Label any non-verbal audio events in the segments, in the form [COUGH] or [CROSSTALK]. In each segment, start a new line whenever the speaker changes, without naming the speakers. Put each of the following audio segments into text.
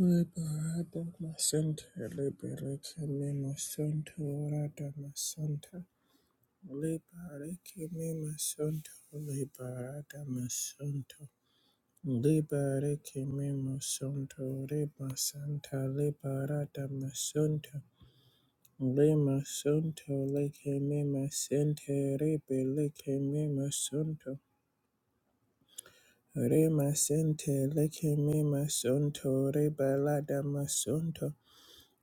Liberata masanta, liberate me masanta, orata masanta, liberate me masanta, liberata masanta, liberate me masanta, reba santa, liberata masanta, lema santa, leke me masanta, rebe leke me masanta. Rema sente leke me masonto, reba lada masonto.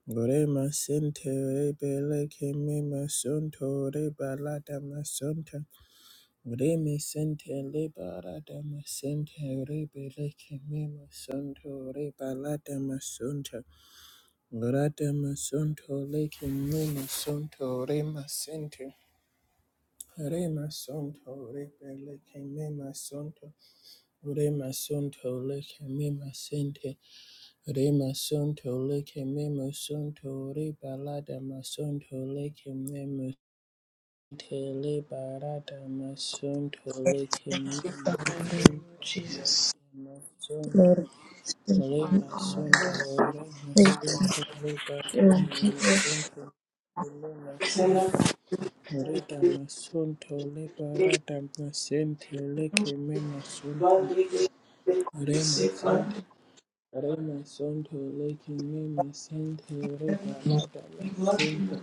Ore masente, re bele kemi masonto, re balada masonta. Ore masente, le barada masente, re bele kemi masonto, re balada masonta. Orada masonto, le kemi masonto, re masente. re masonto, re bele kemi masonto, ore masonto, le kemi masente. Rema sonto leke memo sonto re balada masonto leke memo tele barada masonto leke memo sonto rema sonto
Lord,
rema sonto rema
thank
sonto re
you.
balada masonto rema sonto reda masonto le barada masente leke memo sonto rema
Thank you.
sente Rema Sonto Lake Mema Sente Reba Lada La Sonto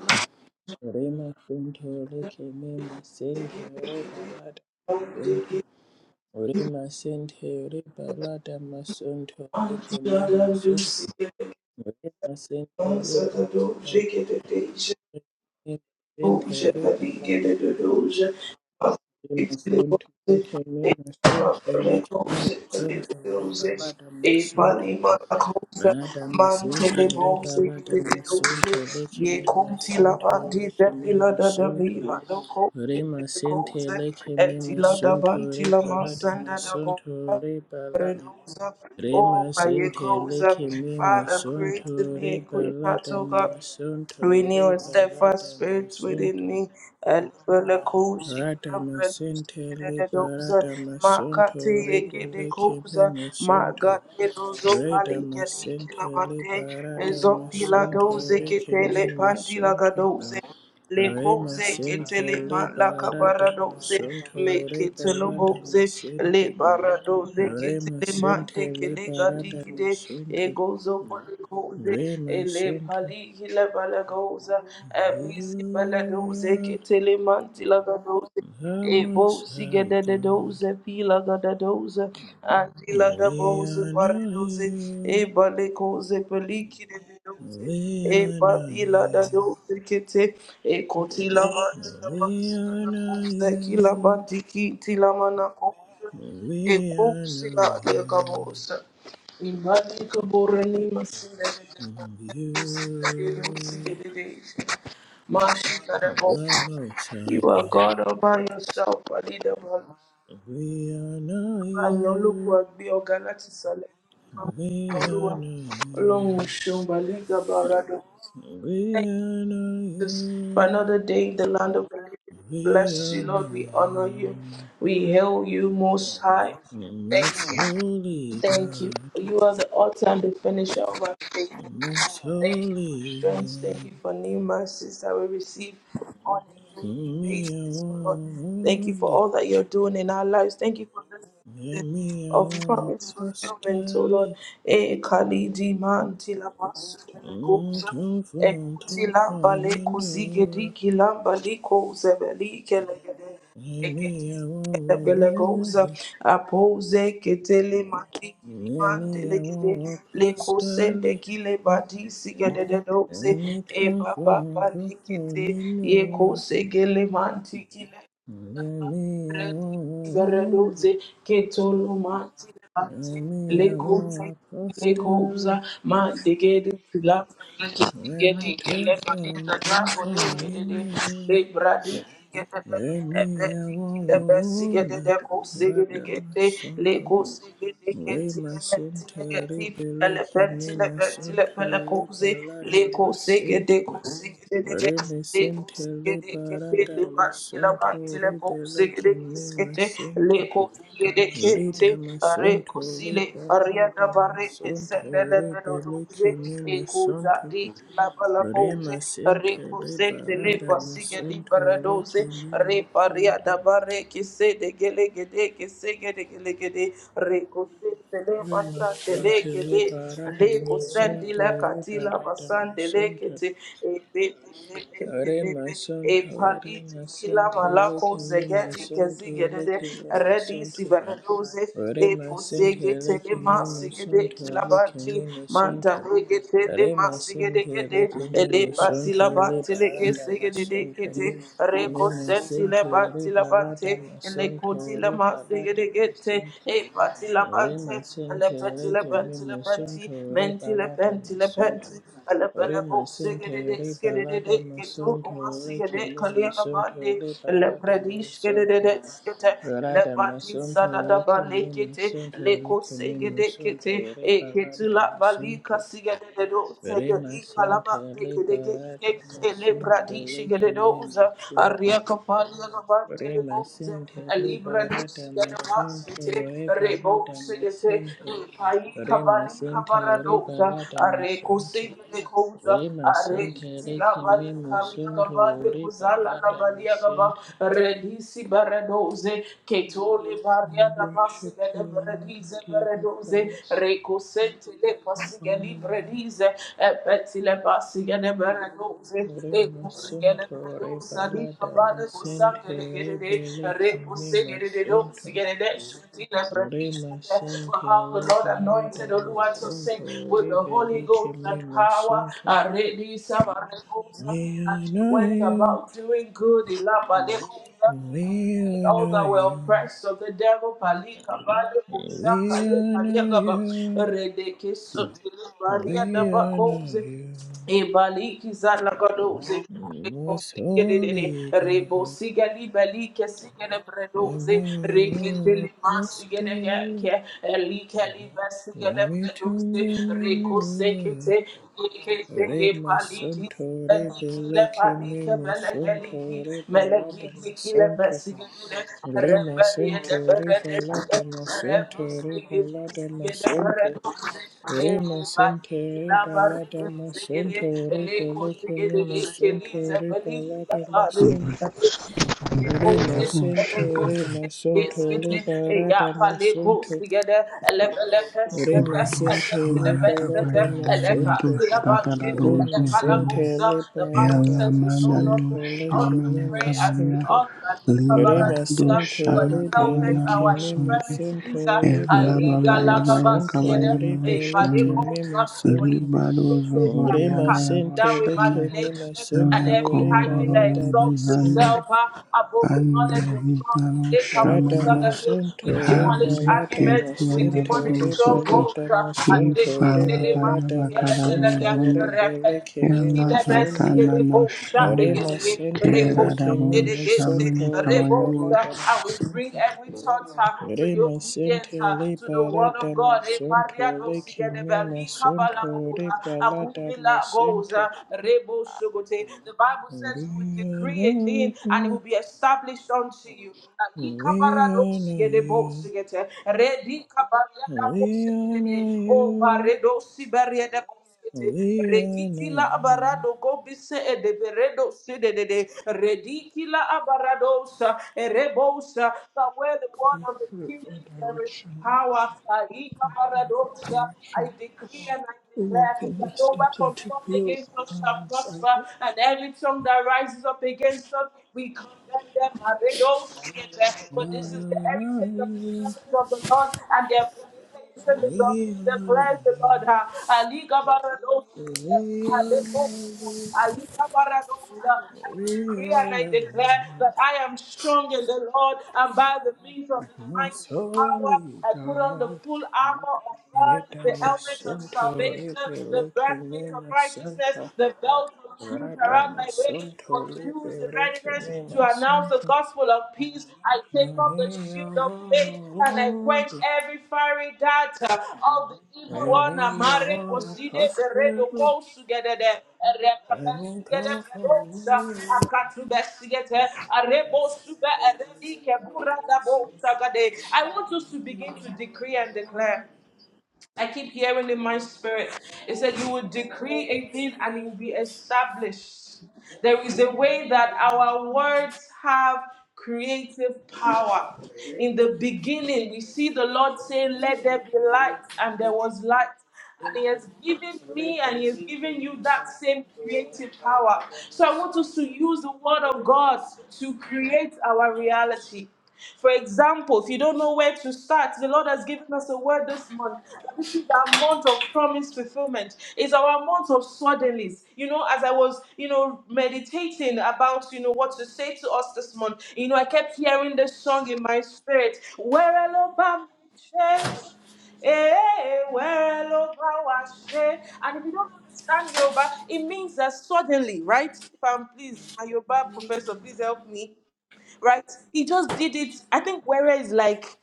Rema Sonto Lake Mema Sente Reba Lada Sonto Rema Sente Reba Lada Masonto Lake Mema Sonto Rema Sente Reba Lada Mema Sente Reba Lada Rema Sonto Lake Mema Sente Lake Mema Sonto Reba Lada Masonto Madame Cynthia Rebaladama Sunto Lekimima Sunto Lekimima Sunto Rima Cynthia Lekimima Sunto Rebaladama Sunto Rebalama
Renuza, oh
Rima Cynthia
Payekoza,
Lekimima
Father, create in
Sunto
me a clean heart, O God.
Rebaladama Sunto
Renew a steadfast
Rebaladama
spirit within
Sunto
me, and Belakosi,
Radama Cynthia
Renuza,
Rebaladama Sunto
Makate, Gedekoza,
Rebelekimima Sunto
Magate, Rozo,
Breda
Paligati,
masente le
Kilavate,
barada
Ezopila,
masonto
Doze,
reke me
Ketele,
masonto.
Pandila, Le
Re
kose
masente
ketele
le
mala
barada
kabaradose me
masonto re
ketelo
balada
boze le
masente.
baradoze
Re
ketele mante
masente le
kele gadi
barada
gide e
masonto.
gozo pole goze
Re
e le
masonto.
pali hila bala goza e bizi bala doze
You are
ketele manti la
the Most
Ebosi
High
gedede
God.
doze pila gada doze andila da
We
boze bare
honor
doze
you.
e bale koze peliki de doze
We
e
honor
babila da
you.
doze kete e kotila manti la manti
We
gada
honor
koze kila
you.
manti kitila mana koze e
We are
koze la
not
de
you.
kabosa imani kabore ni masine de doze de doze de
You
doze de doze. Mashi kada
are
boze
the most
you
high
are
God.
God all by yourself, Adidaba.
We are not
Àyàn ológun
you.
àgbé ọ̀gá láti ìsàlẹ̀.
We
Olúwa,
are not
Ọlọ́run ò
you.
ṣeun, Bàlígàbà Rádò.
We
Thank
are not
you for
you.
another day in the land of the living. Bless
We
you,
are
Lord. We
not
honor you.
you.
We hail you most high. Thank
Most
you.
holy
Thank you.
God.
You are the author and the finisher of our faith.
Most
Thank you for
holy
strength. Thank
one.
you for new mercies that we receive on a daily
Me, I
basis, oh Lord.
want
Thank you for
only.
all that you're doing in our lives. Thank you for this season
Me, I
of
want
promise fulfillment, oh Lord.
apostolic.
Eh, Kali di man ti la basu ele
Mm,
kosa.
Too
Eh,
fun,
kuti
too
la
fun,
bale
you
kusi gedi
know.
ki la bali kosa bali kele gede.
Maybe I
The
want
Belagosa,
wood.
Apose, Ketele, Mati, Kiliman,
Maybe I
Delegate,
want a
Leko, Sende,
pastel.
Kile, Badi, Sigade, the Dose,
Let me
E
too
Baba,
fun, too fun,
Lekete,
you
Yeko,
know.
Segele, Manti,
Maybe I want wood.
Veredoze ketolomati lati
Maybe I
lekote
want a
lekoza
pastel.
ma degede fila
Let
gedi
me too
ele malinda
fun,
da
too
ole
fun, you
gede le
know.
bradi gede ebe
Maybe I
diki
want
ebe sigede
wood.
de ko sigede
Rather my
gede
son
le
too
ko sigede
Re
keti le meti le
masente re
geti ele
beleke
peti
me
le peti le pele
masonto re
koze le
balada
ko sigede
masente.
ko sigede
Re
de de
mesente re
usigede kepe
barada
le bati la bati
masonto
le
re
ko usigede
beleke me
kiskete le
masente.
ko usigede
Re
kete
da
are
masonto re
kusile aria da
barada
bare kesende
masonto
le
re
gado doze
beleke me
e kuza
masonto.
di la bala
Re
koze re
masente re
kusete le
barada
pasigede bara
masonto re
doze
ke
re
me
paria da
masonto.
bare kisede gele gede kisegede gele gede re kusete le
Re
pasate le
masente
gede
re barada
le kusendi
masonto
la
re
katila
balada
pasande le
masonto.
kete
Hare my son,
E
Hare
paliti
my sin,
kila
take
malako
me my
zegedi
son,
kezigedede
take me my
redi
son.
sivaredoze
Hare
e
my sin,
posege
take
tele
me my
masigede
son,
kila
take
bati
me my son.
manta lege tele
Hare my sin,
masigede gede
take me
ele
my son,
pati la
take
bati lege
balada my
segede de
son.
kete
Hare
reko
my
senti
sin,
le
take
bati la
balada
bante
my
ele
son,
koti la
take balada
masigede
my
gete
sin.
e pati la
Ore
bante ele
masinte
pati
ore
la
kimbi
bante la bante
masunto ore
menti la
balada
bante la
masunto
Ele
ore
pele bo
masinte
sigede de
ore
skede de
balada
ketu
masunto
uma
ore
sigede
kimbi
kalina
masunto
bandi.
ore
Ele
balada
predi skede
masunto
de skete. Le
Dorada
bati
masunto
sada da
ore
bali
kimbi
kete.
masunto
Le
ore
ko
kimbi
sigede
masunto
kete.
ore
E ketu
balada
la bali
masunto
kasigede de do
ore
segedi
masinte
kalaba
ore
tekede ge.
balada
Ele
masunto ore kimbi masinte ore masinte ore
Libra dusi
balada
gada
masunto
masite,
ore
rebo
balada
sigete,
masinte
kai
Rema
kabali
sente
kabara
reba
doza,
lada
are kose
masonto.
gede koza,
Rema
are
sente
kiti la
reke
bali
me
kamia
masonto
kabande
reba
kuzala la
lada
balia kaba,
masente.
redisi baradoze, ketole
We
baria da
worship
basi
you,
gede
Lord.
beredize
We give you
beredoze,
praise.
reko sente le
We
pasi gede
honor you.
beredize, epeti le pasi gede beredoze, e
Rema
kusi gede
sonto
beredoze,
reba
ali
lada masente
for
rebe
how
leke me masonto. Rema sente
the Lord
reba lada
anointed Olua to sing
masonto
with the
rebe
Holy
leke
Ghost
me
and power.
masonto.
Aredi Samarekosa,
We
And she
honor
went
you.
about doing good. Elabadeko.
We
All
honor
Over well
you.
press of the devil, Palika, Bali, Shaka,
We honor
Paliagaba,
you,
Redeke, Sutili, Baria, the
we
Bakos,
honor you,
Ebaliki, Zalagadoze,
most
Recosigede,
holy
Rebo
God.
Sigali, Balike, Sigene Bredoze,
Emmanuel
Rekitili, Masigene,
Apostle,
Elikali, Basigene Bredoze,
umitunganinuwa,
Recosecate, Ekete, Paliki.
remasonto
Beliki le
rebeleke
palike beleke liki
memasonto
meleki
rebalada
diki le
masonto,
besigele reberi de
remasente
berede
rebalada
rebu
masente
sigi
rebalada
sigi de
masonto,
beredu e
Rima sente
bali la baride
rebalada
sigele
masente
le ko
rebeleke
sigele le
mima
keli
sente
zebeli la
balada
fare
Ela
masente Rima
Moses,
sente re
Rebosi,
masente,
Skitty,
sente rebalada
Yapa, Legos
masente
together, Elepelepes,
Rima sente
Elepelepes,
rebalada
Eleca,
masente
Silabati,
Rima sente
Elecalabosa. The Bible
rebalada
says we know not
masente
whom we
leke
ought to
mima
pray as we
sente
ought, but
Rima sente
but it helpeth
rebeleke
our
mima sente
infirmities, Aliga
rebalada
Lagabas
masente
together,
rebeleke mima
Valecosa, for it is
Rema
down
sente
with
leke lema
imagination and
sunto
every
reba
high
Koro
thing that
lada
exalts
Zane
masente.
itself uh, above the
and the
knowledge of God.
Hitano
Rada
Shamanana
We
masunto reba
demolish
lada
arguments,
Habequería
we
masente
demolish
reba
Nararusoto
strongholds.
lada
uh, and
y
masunto reba
leketelema,
Falabaya
lada
gelegelega,
masunto
Bacararuzonde
reba
repeti-
leke
y
me
Kitile
masunto.
Alabatana
mesigede kosha
Noshone
Rema
degedege,
sente leke me
Kerarabu
rekosundelegese,
Shamana
masunto reba
Kabayabush
rebosa.
lada
And we bring
masunto.
every thought uh, to the
Rema
obedience
sente
uh, to
reba
the word of
lada
God. eh,
masunto leke
pariadosigede,
me masunto reba
belikabalabola.
lada
Abubila goes,
masente.
uh, Rebo Sugote. The Bible
We
says you will
honor
decree a thing and it will
you.
be established unto you. Uh,
We honor
Ikabaradoksigede
you.
boksigete.
We honor
Redikabariadaboksigede. Oh,
you. We honor
Baredo Siberia de Rekitila
you.
abarado go e de beredo se de de de e but where the word
Please
of the
look
king
for
is there is
direction.
power.
Look for
I
direction.
decree and I
To
declare
walk in
that
your
no
steps and
weapon
to
formed
build
against us shall
alongside
prosper,
it.
and every tongue that rises up against us, we condemn them. And they don't see it there.
We
But this is the
honor
heritage of the
you.
servants of the Lord, and their vindication is of me,
We honor
declares the Lord. Ah, Ali Gabara
you. We honor you.
I
We
decree and I
honor
declare
you.
that I am strong in the Lord and by the means of his
Most
mighty power.
holy
I put on the
God.
full armor of God,
Rada
the helmet of
Masunto
salvation,
Rebe
the
Leke
breastplate of
Mema
righteousness,
Santa
the belt of truth
Rada
around my waist, for
Masunto Rebe
Jews in
Leke
readiness to
Mema
announce the
Santa
gospel of peace. I take up the
Emea
shield of faith and I quench
Wanda
every fiery dart uh, of the evil one.
Emea
Amare
Wanda
koside beredo
Costello
kosugedede,
Emi
erekabesugede
Tofo
bedosa, akatubesigete, arebosuge eredike buradabosagade. I want us to begin to decree and declare. I keep hearing in my spirit. It said, You will decree a thing and it will be established. There is a way that our words have creative power. In the
Costello
beginning, we see the Lord say, Let there be light, and there was light. And
Now
He has given me and He has given you that same creative power. So I want us to use the Word of God to create our reality. For example, if you don't know where to start, the Lord has given us a word this month this is our month of promise fulfillment. It's our month of suddenlies. You know, as I was, you know, meditating about, you know, what to say to us this month, you know, I kept hearing this song in my spirit. Where Alabama, eh? where Elobam wa Che. and if you don't understand Yoruba, it means that suddenly, right? If I'm please, my Yoruba professor, please help me, right? He just did it. I think where is like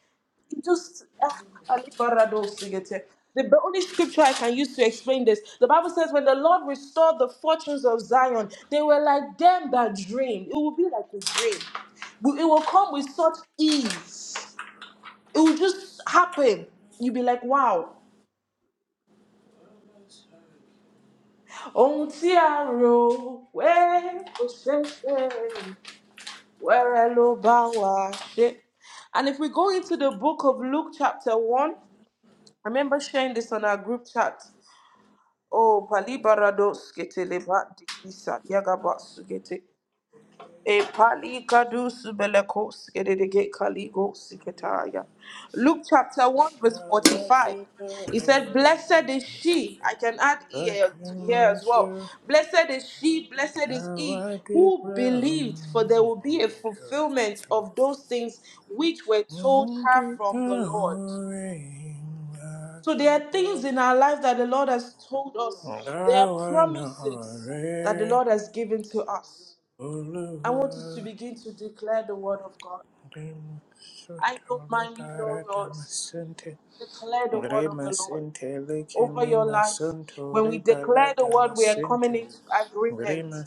you just ah, Ali Barado Sigete. The b- only scripture I can use to explain this, the Bible says, when the Lord restored the fortunes of Zion, they were like them that dream. It will be like a dream. We- It will come with such ease. It will just happen. You'll be like, wow. Ohun tí a rò pé kò ṣeé ṣe, wẹ́rẹ́ ló bá wa ṣe. And if we go into the book of Luke, chapter 1, I remember sharing this on our group chat. O palibarados gete leba dikisa yagaba sugete. E palikadus belekos gedege kaligo siketaya. Luke chapter 1 verse 45. He said, Blessed is she. I can add ear to here as well. Blessed is she, blessed is he who believed, for there will be a fulfillment of those things which were told her from the Lord. So there are things in our life that the Lord has told us. There are
I
promises that the Lord has given to us. I want us to
know
begin to declare the word of God. I know
Remasotole
mine, you know
barata
yours.
masente.
Declare the word of the Lord
Remasente
over
lekene
your life. When we
masontore
declare the
balada
word, we are coming
masente.
into agreement.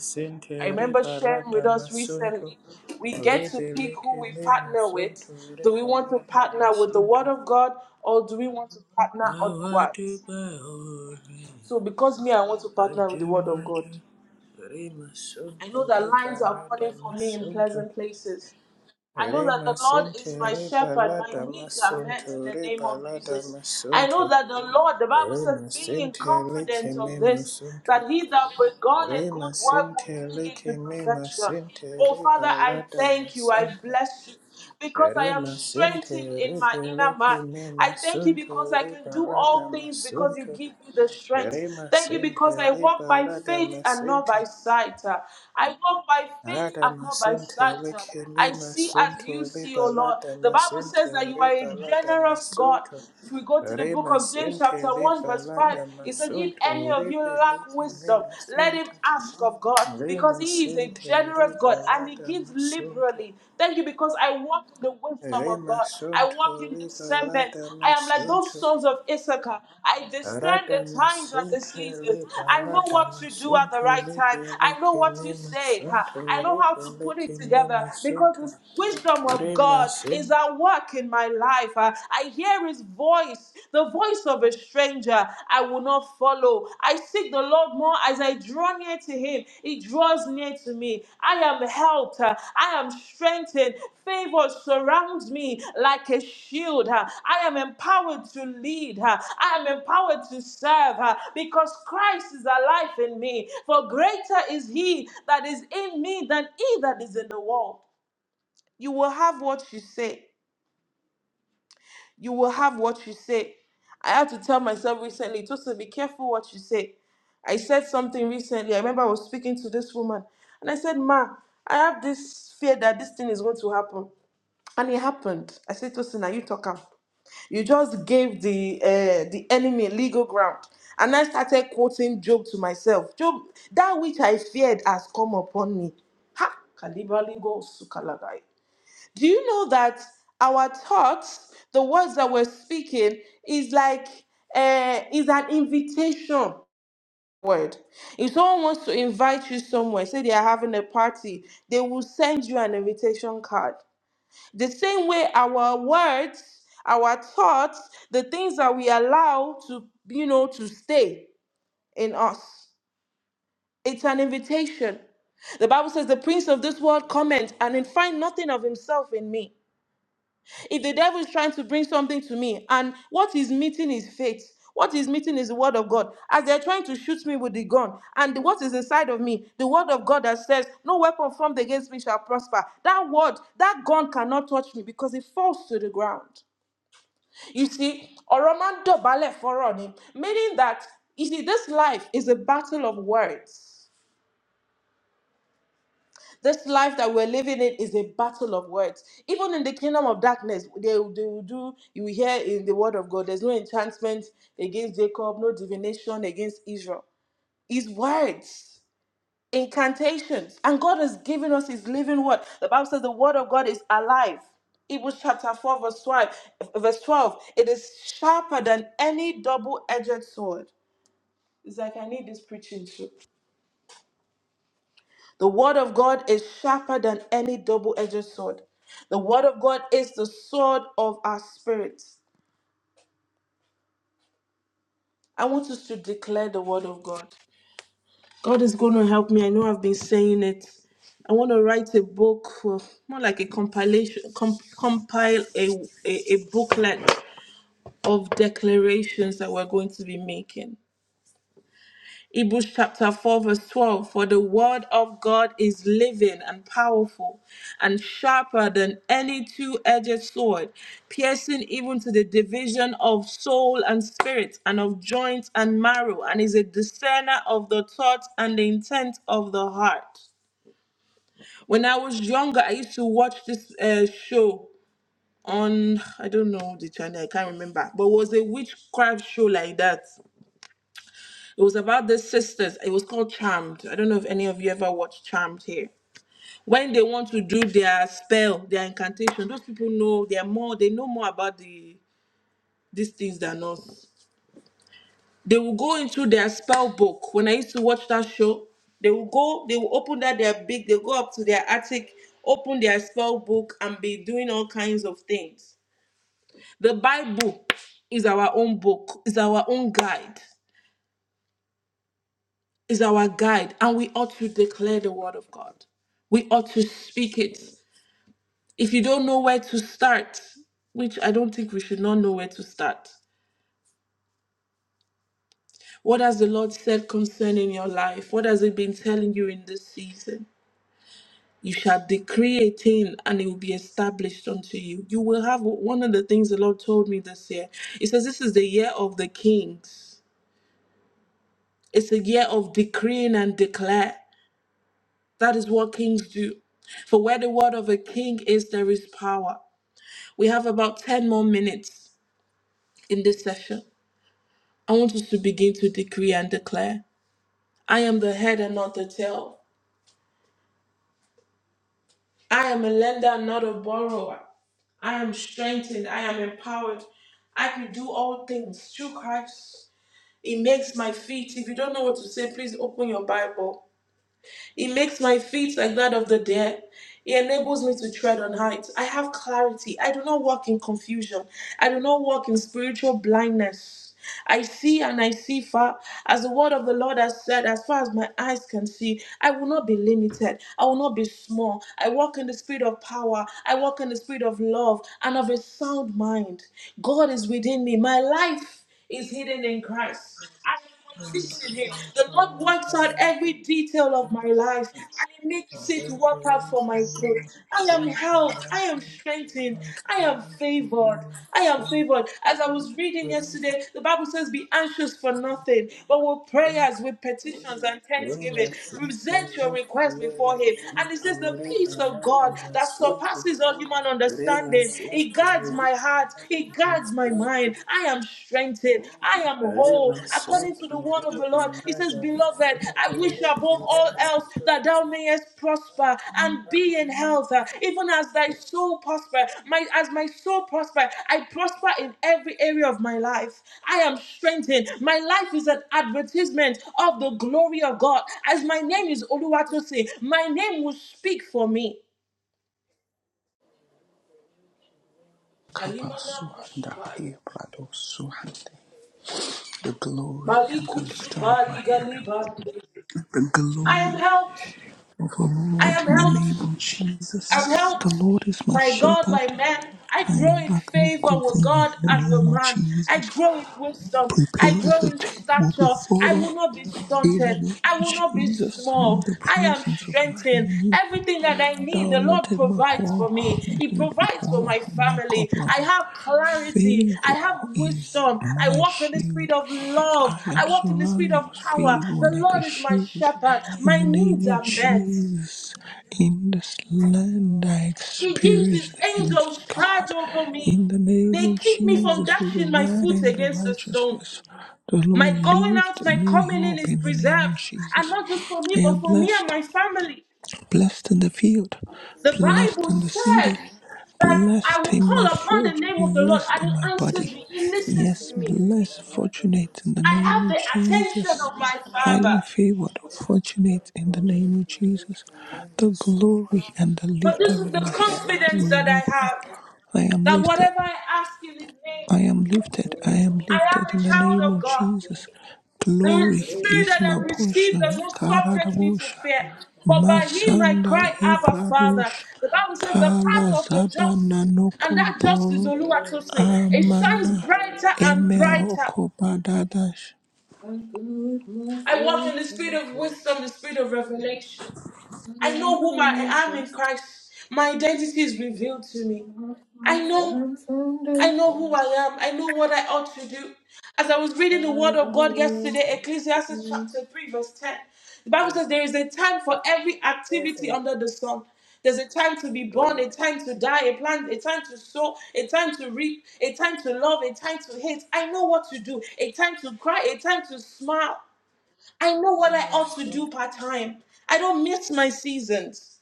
I remember sharing with
rebalada
us
masonto.
recently, we get to pick who we
Rebelekene
partner with.
masonto
Do we want to
rebalada
partner with the
masonto.
Word of God or do we want to partner
Awatu
otherwise?
baore
So because me, I want to partner with the Word of God.
ajumatu.
I
Remasonto
know that lines are
lebarada
falling for me in
masonto.
pleasant places. I know that the
Rema
Lord
sente
is my
reba
shepherd. My
lada
needs are met in
masunto
the name
reba
of
lada
Jesus. I know
masunto
that the Lord, the Bible says,
Rema
being in
sente leke
confident of
me
this,
masunto
that he that begun a good
Rema
work will
sente
bring it to
leke me
perfection.
masente
Oh,
reba
Father, I
lada
thank you. I
masunto
bless you because I am
Rema sente
strengthened in my
rebe
inner man.
me
I thank you because
masunto
I can
reba
do all things because you
masunto
give me the strength.
Rema
Thank you
sente
because I walk
reba
by
lada
faith and not
masente
by sight. I walk by faith
Rada
and not by
masente
sight.
lekemi
I see as you
masunto
see, O Lord.
libalada
The Bible
masente
says that you are a
ribalada
generous God.
masunto
If we go to the book of James,
remasente
chapter 1, verse 5,
libalada
it says, If any
masunto
of you lack
ribelekemi
wisdom, let him
masunto
can ask of God because He is a
remasente
generous God and He
ribalada
gives
masunto
liberally. Thank you because I walk in the wisdom of God. I walk
remasunto
in discernment.
libalada
I am like those
masunto
sons of Issachar. I discern
Rada
the times and the
masente
seasons. I know
libalada
what to do at the
masunto
right time. I know what to
ribelekemi
say. huh?
masunto
I know how to put it
ribelekemi
together
masunto
because the Wisdom of
Rema
God
Santa,
is at work in my life. Uh, I hear his voice, the voice of a stranger. I will not follow. I seek the Lord more as I draw near to him. He draws near to me. I am helped. Uh, I am strengthened. Favor surrounds me like a shield. Uh, I am empowered to lead. Uh, I am empowered to serve uh, because Christ is alive in me. For greater is he that is in me than he that is in the world. You will have what you say. You will have what you say. I had to tell myself recently, Tosin, be careful what you say. I said something recently. I remember I was speaking to this woman and I said, Ma, I have this fear that this thing is going to happen. And it happened. I said, Tosin, are you talking? You just gave the uh, the enemy legal ground. And I started quoting Job to myself. Job, that which I feared has come upon me. Ha! Kalibaligo sukalagai. Do you know that our thoughts, the words that we're speaking, is like uh, is an invitation word. If someone wants to invite you somewhere, say they are having a party, they will send you an invitation card. The same way our words, our thoughts, the things that we allow to, you know, to stay in us, it's an invitation. The Bible says the prince of this world comment and find nothing of himself in me. if the devil is trying to bring something to me and what he's meeting is faith what he's meeting is the word of god as they're trying to shoot me with the gun and what is inside of me the word of god that says no weapon formed against me shall prosper that word that gun cannot touch me because it falls to the ground you see oroman dobale foroni meaning that you see this life is a battle of words This life that we're living in is a battle of words. Even in the kingdom of darkness, they, will- they will do, you will hear in the word of God, there's no enchantment against Jacob, no divination against Israel. His words, incantations. And God has given us his living word. The Bible says the word of God is alive. Hebrews chapter 4, verse 12. Verse 12. It is sharper than any double-edged sword. It's like I need this preaching too. The word of God is sharper than any double edged sword. The word of God is the sword of our spirits. I want us to declare the word of God. God is going to help me. I know I've been saying it. I want to write a book, uh, more like a compilation, com- compile a, a, a booklet of declarations that we're going to be making. Hebrews chapter 4, verse 12 For the word of God is living and powerful and sharper than any two edged sword, piercing even to the division of soul and spirit, and of joints and marrow, and is a discerner of the thoughts and the intent of the heart. When I was younger, I used to watch this uh, show on, I don't know the channel, I can't remember, but it was a witchcraft show like that. It was about the sisters. It was called Charmed. I don't know if any of you ever watched Charmed here. When they want to do their spell, their incantation, those people know they're more. They know more about the these things than us. They will go into their spell book. When I used to watch that show, they will go. They will open that their big. They go up to their attic, open their spell book, and be doing all kinds of things. The Bible is our own book. Is our own guide. is our guide, and we ought to declare the word of God. We ought to speak it. If you don't know where to start, which I don't think we should not know where to start, what has the Lord said concerning your life? What has He been telling you in this season? You shall decree a thing and it will be established unto you. You will have one of the things the Lord told me this year. It says, This is the year of the kings. It's a year of decreeing and declare. That is what kings do. For where the word of a king is, there is power. We have about 10 more minutes in this session. I want us to begin to decree and declare I am the head and not the tail. I am a lender and not a borrower. I am strengthened. I am empowered. I can do all things through Christ. It makes my feet. If you don't know what to say, please open your Bible He makes my feet like that of the deer. He enables me to tread on heights. I have clarity. I do not walk in confusion. I do not walk in spiritual blindness. I see and I see far. As the word of the Lord has said, as far as my eyes can see, I will not be limited. I will not be small. I walk in the spirit of power. I walk in the spirit of love and of a sound mind. God is within me. My life is hidden in Christ complete in Him. The Lord works out
I
every detail of my life and He makes it work out for my good. I am helped. I am strengthened. I am favored. I am favored. As I was reading yesterday, the Bible says, Be anxious for nothing, but with prayers, with petitions and thanksgiving, present your request before Him. And it says, The peace of God that surpasses all human understanding, it guards my heart, he guards my mind. I am strengthened. I am whole. According to the word of the Lord, He says, Beloved, I wish above all else that thou mayest prosper and be in health, uh, even as thy soul prosper. My as my soul prosper, I prosper in every area of my life. I am strengthened. My life is an advertisement of the glory of God. As my name is Oluwatosi, my name will speak for me. Alimana
Kabasuanda
Kusupai.
Yabrado Suhande the glory and the lifter of my head the
I am
glory
helped.
of our
I
Lord
am
in the name
helped.
of
I'm
Jesus
helped
the Lord is my
by God, by
shepherd
man. I
I
grow in
lack no
favor
good
with
thing in
God
the
and
name
with
of
man. I
Jesus.
grow in wisdom. I
Prepare us
grow
a
in
table
stature. I
before
will
us
not be
in the
stunted.
name
I
of
will not be
Jesus. In
small.
the
I am
presence of my
strengthened.
enemy,
Everything that I need,
thou
the Lord
anointed my
provides for
whole
me. He
head with
provides for my
oil, and my
family.
cup
I
runs over.
have clarity. I have
Favor is
wisdom. I
my
walk in the spirit
shield.
of love.
I
I
am
walk in the spirit
surrounded
of
with
power.
favor
The
like a
Lord is my
shield.
shepherd.
In
My
the
needs
name of
are met.
Jesus, in this land I
He gives
experience
his
the hands
angels
of
charge
God.
over me.
In the name
They
of
keep me from
Jesus, with the
dashing my
right
foot
hand of
against the stone.
righteousness, the
My
Lord
going out,
lift
my
me
coming in
up
is
in the name
preserved.
of
And
Jesus.
not just for me,
I am
but for me and
blessed.
my family.
Blessed in the field,
The
blessed
Bible
in the city,
says that I
blessed
will
in my
call upon the
fruit,
name of the Lord
blessed
and
in my
he answers
body.
me. He listens
Yes,
to me.
blessed, fortunate in the
I
name
have
of
the attention
Jesus.
of my Father.
Highly favored, fortunate in the name of Jesus. The glory and the
But this
lifter
is
of
the
my head, O
confidence that I
Libra.
have
I am
that
lifted.
whatever I ask in his name,
I
he
am
hears.
lifted. I am
I am
lifted
a
in the name
child of
of
God.
Jesus.
The
Glory
spirit
is
that
my
I've received does
portion.
not subject me to
Karadabosha.
fear, but by him I
Masanda
cry, Abba, Father.
Hibrados
The Bible says the path of the
Kalazaba
just, and
Nanoko
that just is
Boro
Oluwatosin. It shines
Amana
brighter and brighter.
Emeroko Badadash.
good my
I walk in the spirit of
first
wisdom, the spirit of revelation. I
Why
know whom I
couldn't we
am in
just
Christ. My identity is revealed to me.
have
I
a
know.
firm
I know who
foundation?
I am. I know what I ought to do. As I was reading the word of
Never
God
will
yesterday, Ecclesiastes chapter 3, verse 10, the Bible says there is a time for every activity under the sun. There's a time to be born, a time to die, a plan, a time to sow, a time to reap, a time to love, a time to hate. I know what to do, a time to cry, a time to smile. I know what I ought to do part time. I don't miss my seasons.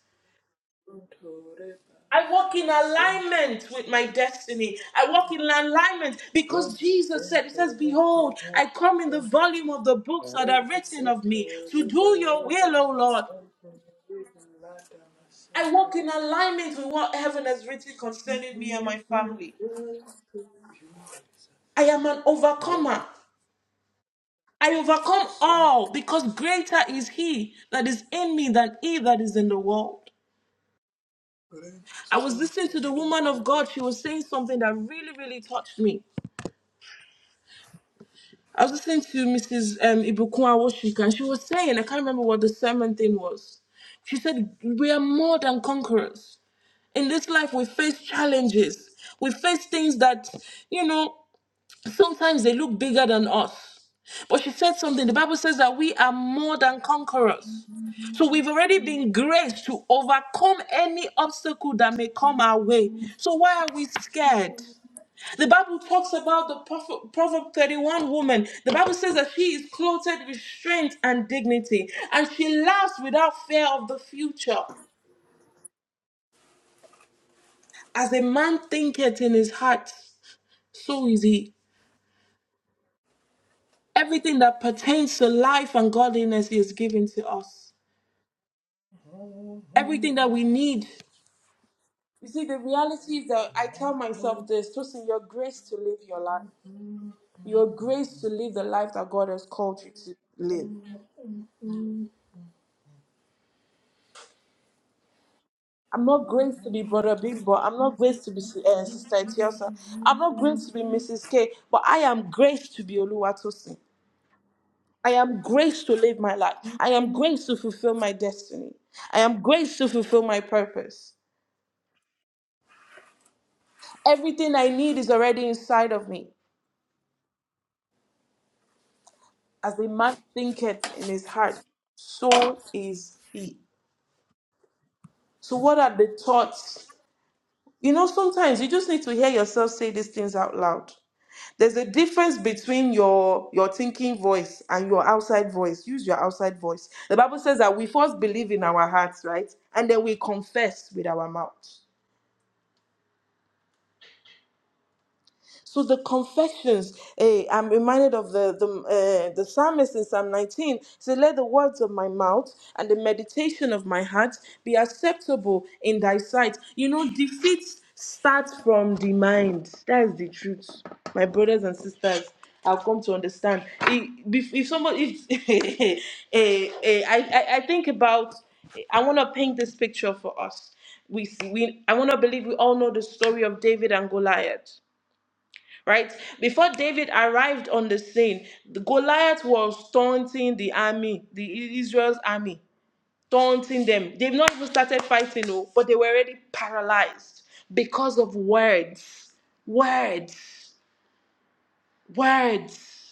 I walk in alignment with my destiny. I walk in alignment because Jesus said, He says, Behold, I come in the volume of the books that are written of me to do your will, O Lord. I walk in alignment with what heaven has written concerning me and
Thank
my family. I am an overcomer. I overcome all because greater is He that is in me than He that is in the world. I was listening to the woman of
you.
God. She was saying something that really, really touched me. I was listening to Mrs. Um, Ibukun Washika, and she was saying, I can't remember what the sermon thing was. She said, We are more than conquerors. In this life, we face challenges. We face things that, you know, sometimes they look bigger than us. But she said something. The Bible says that we are more than conquerors. So we've already been graced to overcome any obstacle that may come our way. So why are we scared? The Bible talks about the Prophet- Proverb 31 woman. The Bible says that she is clothed with strength and dignity, and she laughs without fear of the future. As a man thinketh in his heart, so is he. Everything that pertains to life and godliness is given to us. Everything that we need. You see, the reality is that I tell myself this Tosin, your grace to live your life, your grace to live the life that God has called you to live. I'm not going to be Brother Bimbo. I'm not going to be uh, Sister Etiosa. I'm not going to be Mrs. K. But I am graced to be Oluwatosin. I am graced to live my life. I am graced to fulfill my destiny. I am graced to fulfill my purpose. Everything I need is already inside of me. As a man thinketh in his heart, so is he. So, what are the thoughts? You know, sometimes you just need to hear yourself say these things out loud. There's a difference between your your thinking voice and your outside voice. Use your outside voice. The Bible says that we first believe in our hearts, right? And then we confess with our mouth. So the confessions, eh, I'm reminded of the the, uh, the psalmist in Psalm 19. Say, let the words of my mouth and the meditation of my heart be acceptable in thy sight. You know, defeat starts from the mind. That's the truth, my brothers and sisters. I've come to understand. If, if if somebody, if, [LAUGHS] eh, eh, I, I I think about, I want to paint this picture for us. We, see- we I want to believe we all know the story of David and Goliath right? Before David arrived on the scene, the Goliath was taunting the army, the Israel's army, taunting them. They've not even started fighting, oh, but they were already paralyzed because of words, words, words.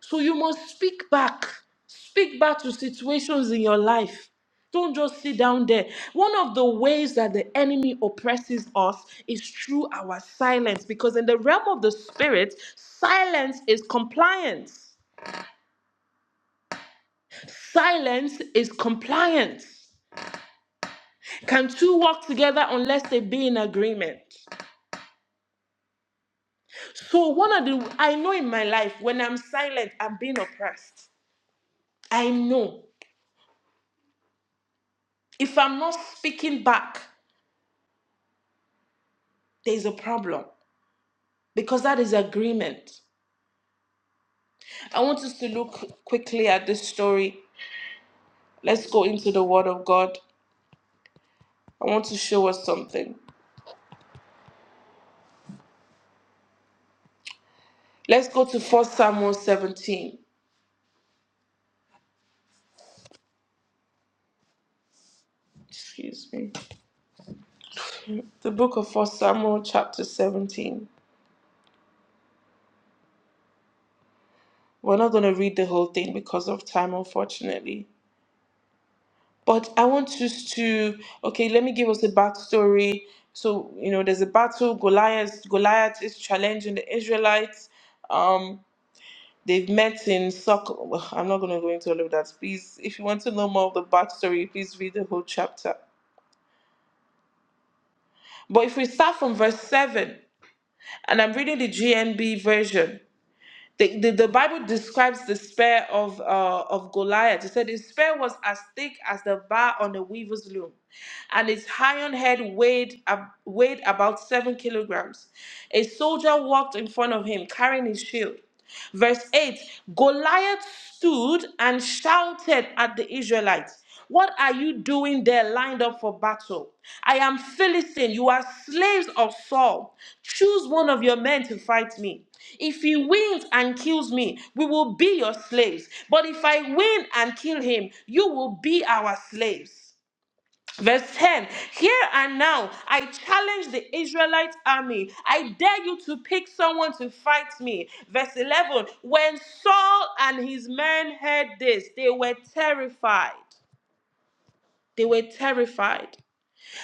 So you must speak back. Speak back to situations in your life. Don't just sit down there. One of the ways that the enemy oppresses us is through our silence, because in the realm of the spirit, silence is compliance. Silence is compliance. Can two walk together unless they be in agreement? So, one of the, I know in my life, when I'm silent, I'm being oppressed. I know. If I'm not speaking back, there's a problem. because that is agreement. I want us to look quickly at this story. Let's go into the Word of God. I want to show us something. Let's go to First Samuel 17. Excuse me. The book of First Samuel, chapter 17. We're not going to read the whole thing because of time, unfortunately. But I want us to, okay, let me give us a backstory. So, you know, there's a battle. Goliath, Goliath is challenging the Israelites. Um. They've met in circle. I'm not going to go into all of that. Please, if you want to know more of the backstory, please read the whole chapter. But if we start from verse 7, and I'm reading the GNB version, The, the, the Bible describes the spear of, uh, of Goliath. It said his spear was as thick as the bar on a weaver's loom, and its iron head weighed, ab- weighed about seven kilograms. A soldier walked in front of him carrying his shield. Verse 8 Goliath stood and shouted at the Israelites. What are you doing there lined up for battle? I am Philistine. You are slaves of Saul. Choose one of your men to fight me. If he wins and kills me, we will be your slaves. But if I win and kill him, you will be our slaves. Verse 10 Here and now, I challenge the Israelite army. I dare you to pick someone to fight me. Verse 11 When Saul and his men heard this, they were terrified. They were terrified.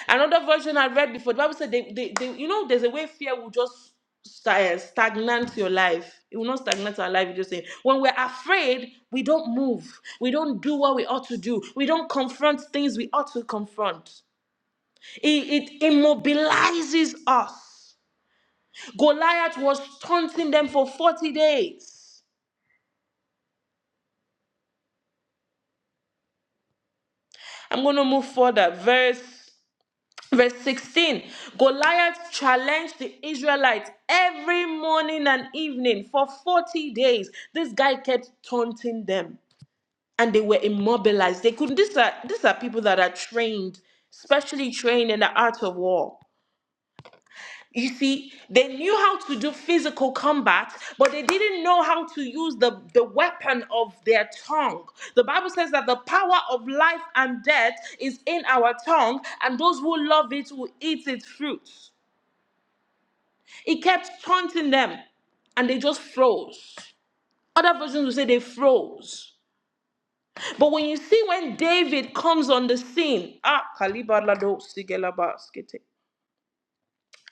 Another version I read before, the Bible said, they, they, they, you know, there's a way fear will just sta- eh, stagnate your life. It will not stagnate our life. You just saying, when we're afraid, we don't move. We don't do what we ought to do. We don't confront things we ought to confront. It, it immobilizes us. Goliath was taunting them for 40 days. I'm going to move further. Verse Verse 16 Goliath challenged the Israelites every morning and evening for 40 days. This guy kept taunting them and they were immobilized. They couldn't. These are, these are people that are trained, specially trained in the art of war. You see, they knew how to do physical combat, but they didn't know how to use the, the weapon of their tongue. The Bible says that the power of life and death is in our tongue, and those who love it will eat its fruits. It kept taunting them and they just froze. Other versions will say they froze. But when you see when David comes on the scene, ah, Kalibalado Sigelabaskete.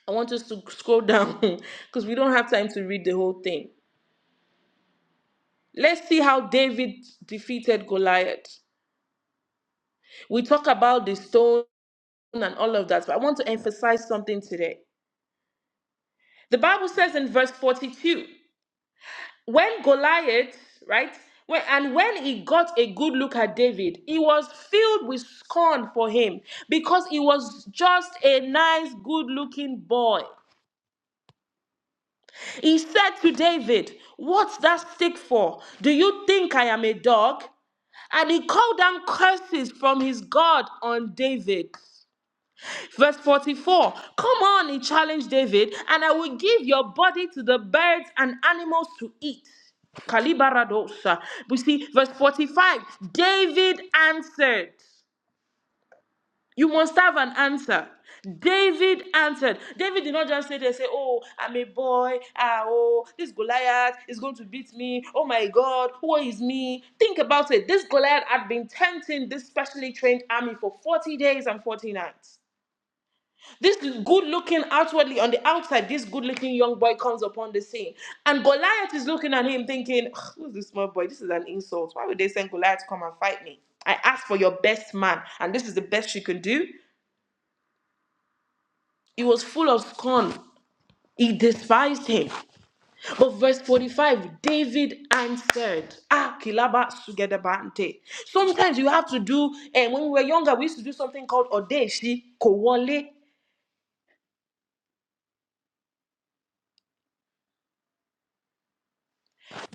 I want us to scroll down [LAUGHS] because we don't have time to read the whole thing. Let's see how David defeated Goliath. We talk about the stone and all of that, but I want to emphasize something today. The Bible says in verse 42 when Goliath, right? When, and when he got a good look at David, he was filled with scorn for him because he was just a nice, good looking boy. He said to David, What's that stick for? Do you think I am a dog? And he called down curses from his God on David. Verse 44 Come on, he challenged David, and I will give your body to the birds and animals to eat. Kalibaradosa. We see verse 45 David answered. You must have an answer. David answered. David did not just sit there and say, Oh, I'm a boy. Ah, oh, this Goliath is going to beat me. Oh my God, who is me? Think about it. This Goliath had been tempting this specially trained army for 40 days and 40 nights. This good looking outwardly on the outside, this good looking young boy comes upon the scene. And Goliath is looking at him thinking, "Ugh, Who's this small boy? This is an insult. Why would they send Goliath to come and fight me? I asked for your best man, and this is the best you can do. He was full of scorn. He despised him. But verse 45, David answered, Ah, kilaba sugedabante. Sometimes you have to do, and when we were younger, we used to do something called odeshi kowole.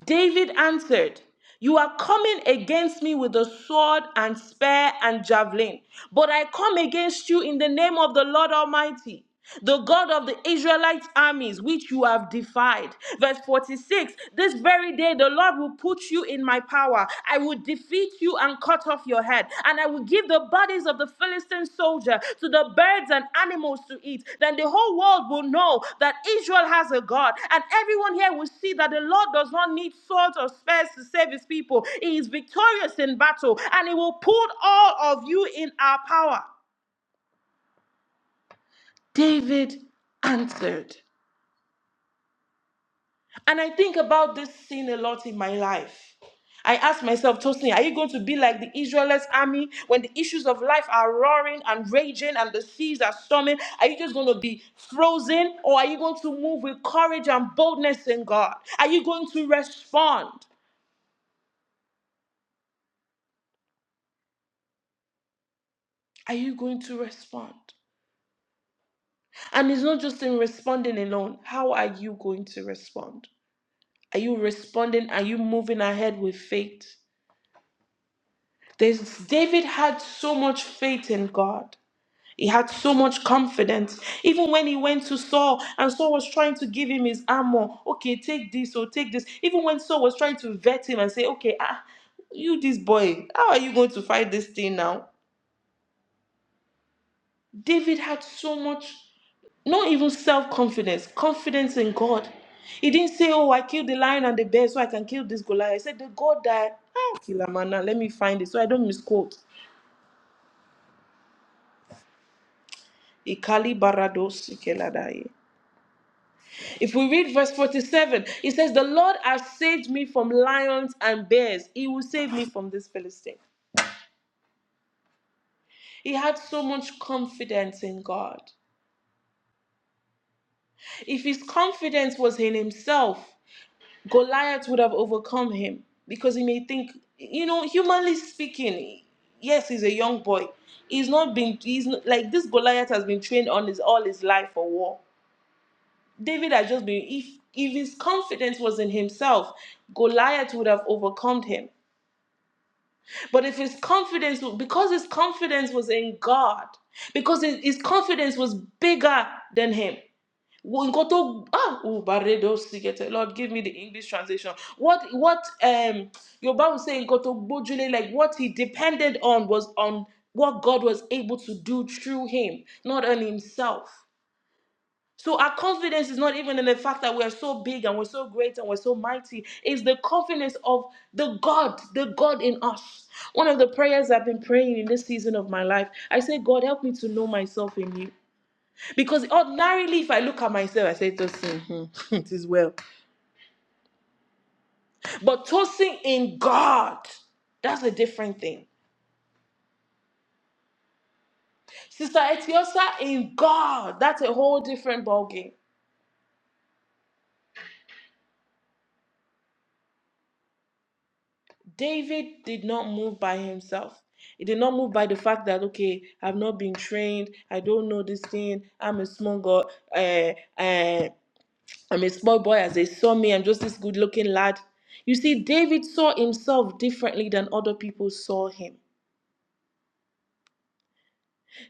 David answered, You are coming against me with the sword and spear and javelin, but I come against you in the name of the Lord Almighty. The God of the Israelite armies, which you have defied. Verse 46 This very day the Lord will put you in my power. I will defeat you and cut off your head. And I will give the bodies of the Philistine soldier to the birds and animals to eat. Then the whole world will know that Israel has a God. And everyone here will see that the Lord does not need swords or spears to save his people. He is victorious in battle and he will put all of you in our power. David answered. And I think about this sin a lot in my life. I ask myself, Tosin, are you going to be like the Israelites army when the issues of life are roaring and raging and the seas are storming? Are you just going to be frozen or are you going to move with courage and boldness in God? Are you going to respond? Are you going to respond? And it's not just in responding alone. How are you going to respond? Are you responding? Are you moving ahead with faith? There's David had so much faith in God. He had so much confidence. Even when he went to Saul and Saul was trying to give him his armor, okay, take this or take this. Even when Saul was trying to vet him and say, okay, ah, you this boy, how are you going to fight this thing now? David had so much, not even self confidence, confidence in God. He didn't say, oh, I killed the lion and the bear so I can kill this Goliath. He said, the God that, ah, Kilamana, let me find it so I don't misquote. Ikali barado sikeladaye. If we read verse 47, it says, The Lord has saved me from lions and bears. He will save me from this Philistine. He had so much confidence in God. If his confidence was in himself, Goliath would have overcome him because he may think, you know, humanly speaking, yes, he's a young boy. He's not been, he's not, like this Goliath has been trained on his all his life for war. David had just been, if, if his confidence was in himself, Goliath would have overcome him. But if his confidence, because his confidence was in God, because his, his confidence was bigger than him. Wo- nkan tó- ah, oh, Baredo Sikete, Lord, give me the English translation. What what um Yoruba would say nkan tó gbójúlé, like what he depended on was on what God was able to do through him, not on himself. So our confidence is not even in the fact that we're so big and we're so great and we're so mighty. It's the confidence of the God, the God in us. One of the prayers I've been praying in this season of my life, I say, God, help me to know myself in you. Because ordinarily, if I look at myself, I say, Tosin, hmm, [LAUGHS] it is well. But Tosin in God, that's a different thing. Sister Etiosa in God, that's a whole different ballgame. David did not move by himself. He did not move by the fact that okay, I've not been trained. I don't know this thing. I'm a small girl. Uh, uh, I'm a small boy as they saw me. I'm just this good-looking lad. You see, David saw himself differently than other people saw him.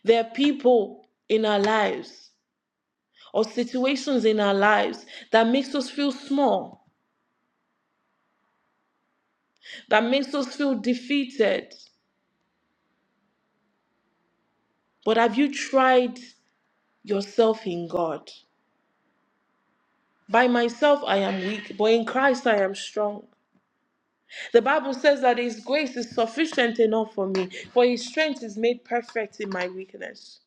There are people in our lives or situations in our lives that makes us feel small, that makes us feel defeated. But have you tried yourself in God? By myself I am weak, but in Christ I am strong. The Bible says that His grace is sufficient enough for me, for His strength is made perfect in my weakness.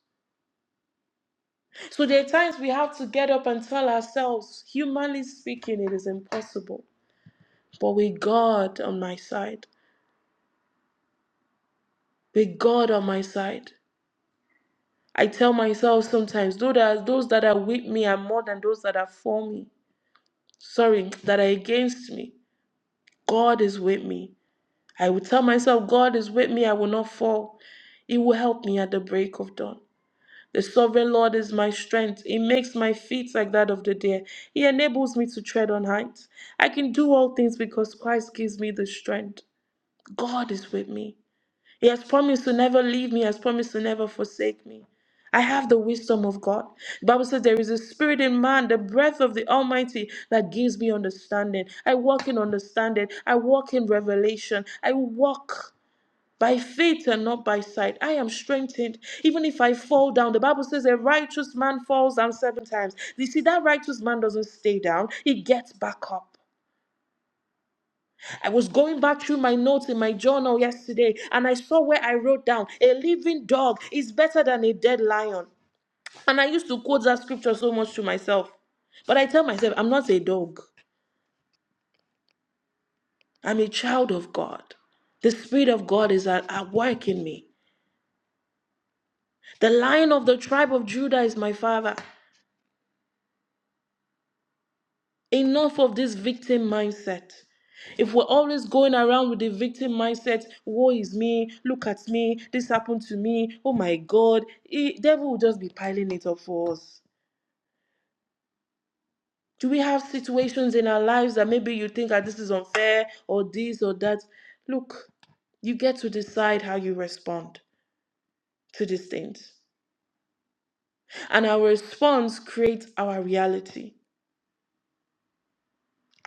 So there are times we have to get up and tell ourselves, humanly speaking, it is impossible. But with God on my side, with God on my side, I tell myself sometimes, though that those that are with me are more than those that are for me, sorry, that are against me, God is with me. I will tell myself, God is with me, I will not fall. He will help me at the break of dawn. The sovereign Lord is my strength. He makes my feet like that of the deer. He enables me to tread on heights. I can do all things because Christ gives me the strength. God is with me. He has promised to never leave me, He has promised to never forsake me. I have the wisdom of God. The Bible says there is a spirit in man, the breath of the Almighty that gives me understanding. I walk in understanding. I walk in revelation. I walk by faith and not by sight. I am strengthened. Even if I fall down, the Bible says a righteous man falls down seven times. You see, that righteous man doesn't stay down, he gets back up. I was going back through my notes in my journal yesterday and I saw where I wrote down a living dog is better than a dead lion. And I used to quote that scripture so much to myself. But I tell myself, I'm not a dog, I'm a child of God. The Spirit of God is at, at work in me. The lion of the tribe of Judah is my father. Enough of this victim mindset. If we're always going around with the victim mindset, woe is me, look at me, this happened to me, oh my God, the devil will just be piling it up for us. Do we have situations in our lives that maybe you think that this is unfair or this or that? Look, you get to decide how you respond to these things. And our response creates our reality.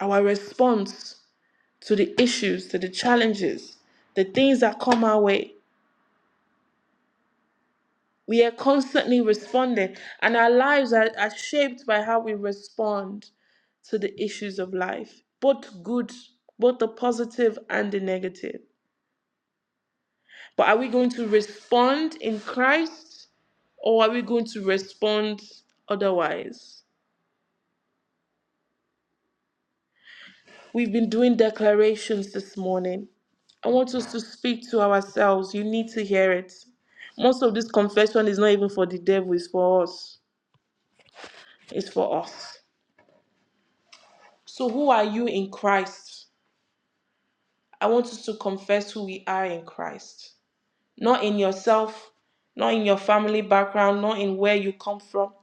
Our response. to the issues, to the challenges, the things that come our way. We are constantly responding, and our lives are, are shaped by how we respond to the issues of life, both good, both the positive and the negative. But are we going to respond in Christ or are we going to respond otherwise? We've been doing declarations this morning. I want us to speak to ourselves. You need to hear it. Most of this confession is not even for the devil, it's for us. It's for us. So, who are you in Christ? I want us to confess who we are in Christ. Not in yourself, not in your family background, not in where you come from.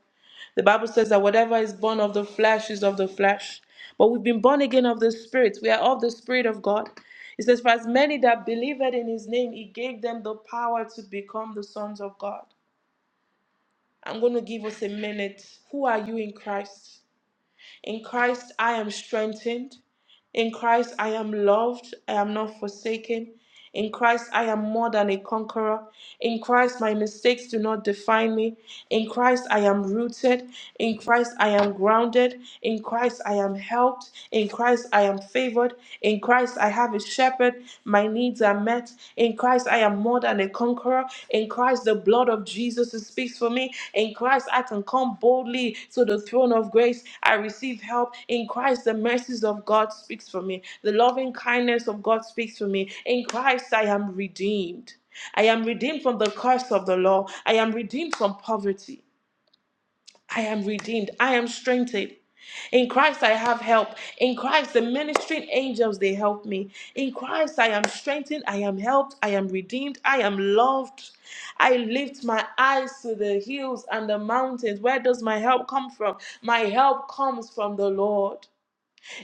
The Bible says that whatever is born of the flesh is of the flesh. But we've been born again of the Spirit. We are of the Spirit of God. It says, For as many that believed in his name, he gave them the power to become the sons of God. I'm going to give us a minute. Who are you in Christ? In Christ, I am strengthened. In Christ, I am loved. I am not forsaken. In Christ, I am more than a conqueror. In Christ, my mistakes do not define me. In Christ, I am rooted. In Christ, I am grounded. In Christ, I am helped. In Christ, I am favored. In Christ, I have a shepherd. My needs are met. In Christ, Christ, I am more than a conqueror. In Christ, the blood of Jesus speaks for me. In Christ, I can come boldly to the throne of grace. I receive help. In Christ, the mercies of God speaks for me. The loving kindness of God speaks for me. In Christ, I am redeemed. I am redeemed from the curse of the law. I am redeemed from poverty. I am redeemed. I am strengthened. In Christ, I have help. In Christ, the ministering angels, they help me. In Christ, I am strengthened. I am helped. I am redeemed. I am loved. I lift my eyes to the hills and the mountains. Where does my help come from? My help comes from the Lord.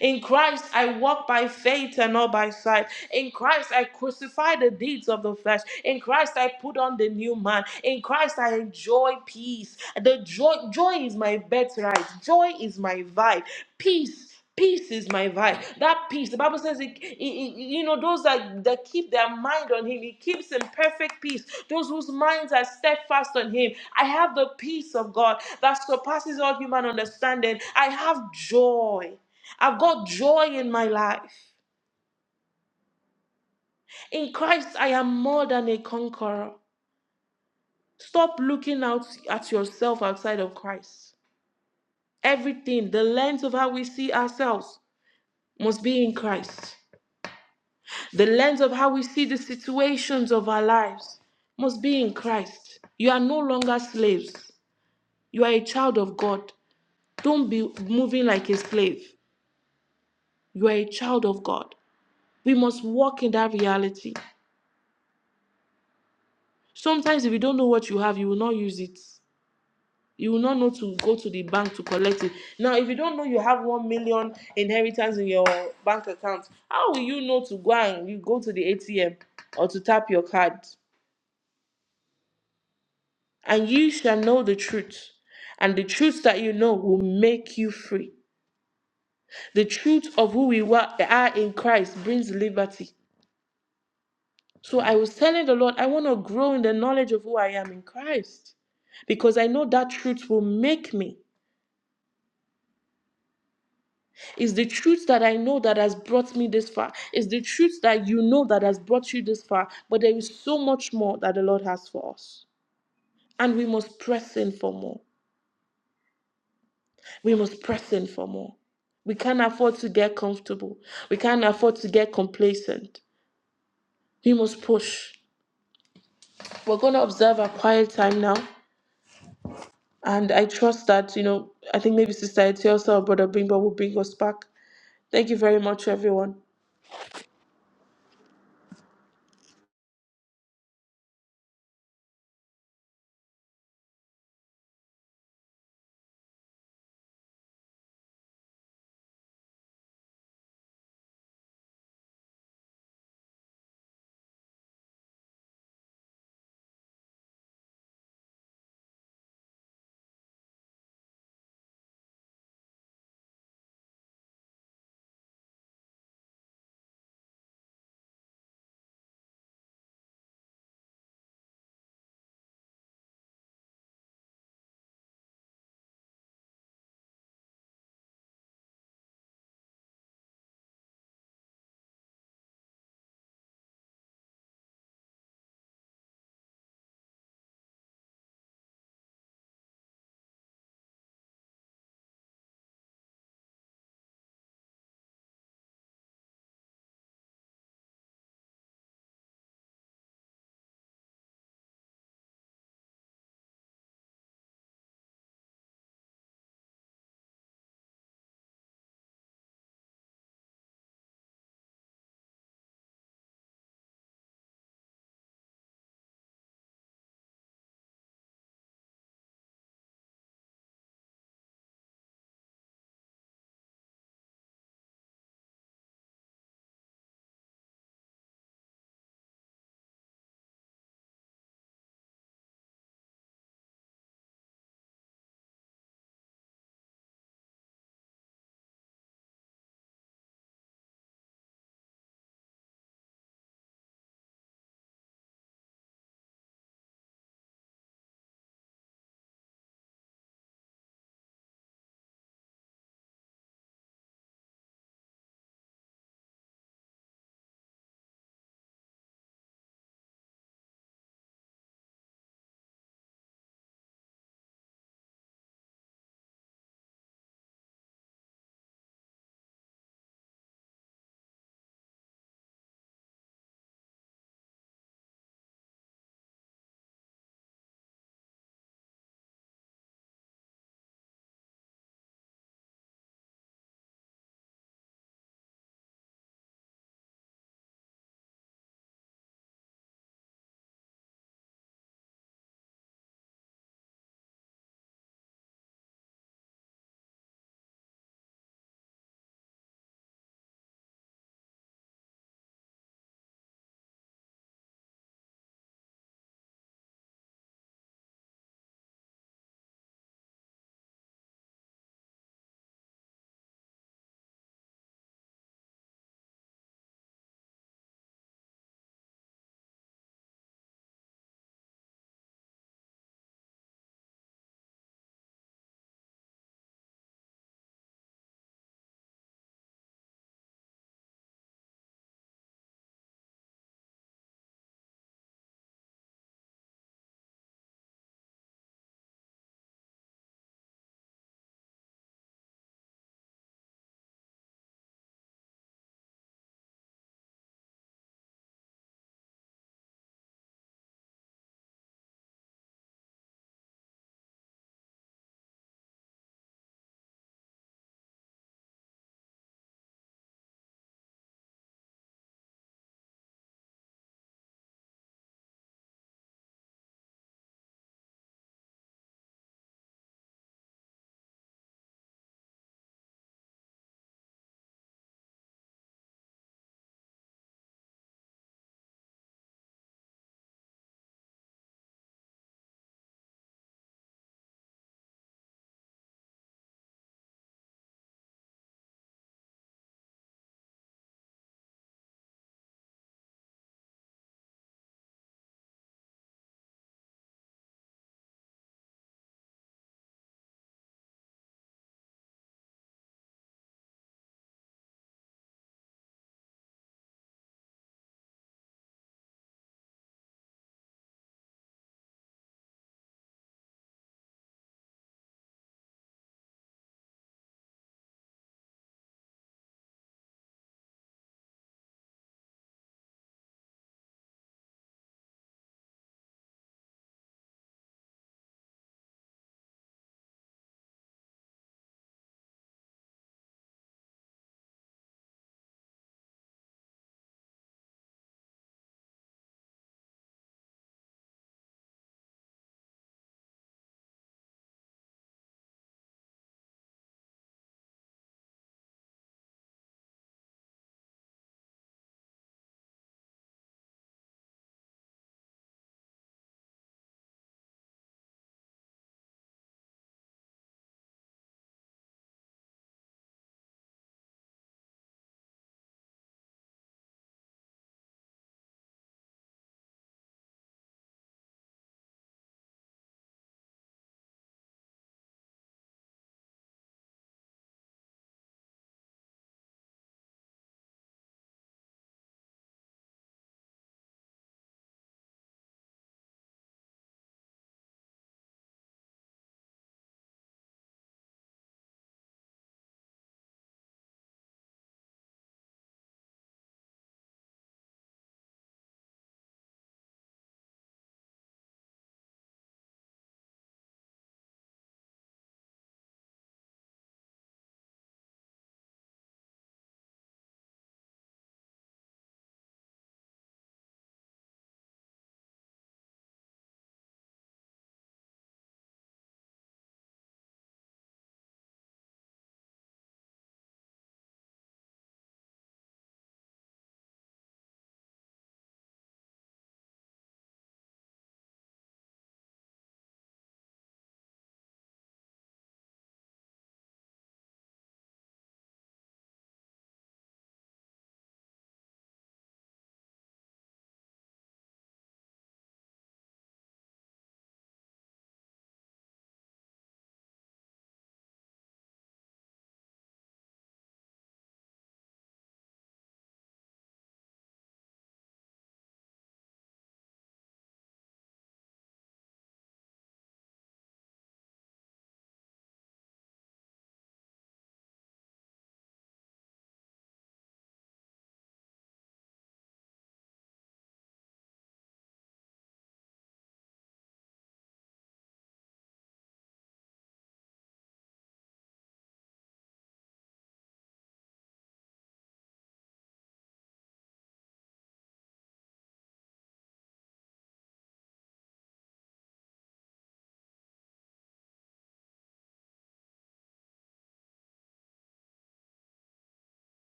In Christ, I walk by faith and not by sight. In Christ, I crucify the deeds of the flesh. In Christ, I put on the new man. In Christ, I enjoy peace. The joy, joy is my birthright. Joy is my vibe. Peace. Peace is my vibe. That peace, the Bible says, it, it- it- you know, those that, that keep their mind on Him, He keeps in perfect peace. Those whose minds are steadfast on Him. I have the peace of God that surpasses all human understanding. I have joy. I've got joy in my life. In Christ, I am more than a conqueror. Stop looking out at yourself outside of Christ. Everything, the lens of how we see ourselves, must be in Christ. The lens of how we see the situations of our lives must be in Christ. You are no longer slaves. You are a child of God. Don't be moving like a slave. You are a child of God. We must walk in that reality. Sometimes, if you don't know what you have, you will not use it. you will not know to go to the bank to collect it. Now, if you don't know you have one million inheritance in your bank account, how will you know to go and you go to the ATM or to tap your card? And you shall know the truth, and the truth that you know will make you free. The truth of who we wa- are in Christ brings liberty. So I was telling the Lord, I want to grow in the knowledge of who I am in Christ because I know that truth will make me. It's the truth that I know that has brought me this far. It's the truth that you know that has brought you this far. But there is so much more that the Lord has for us. And we must press in for more. We must press in for more. We can't afford to get comfortable. We can't afford to get complacent. We must push. We're going to observe a quiet time now. And I trust that, you know, I think maybe Sister Etiosa or Brother Bimba will bring us back. Thank you very much, everyone.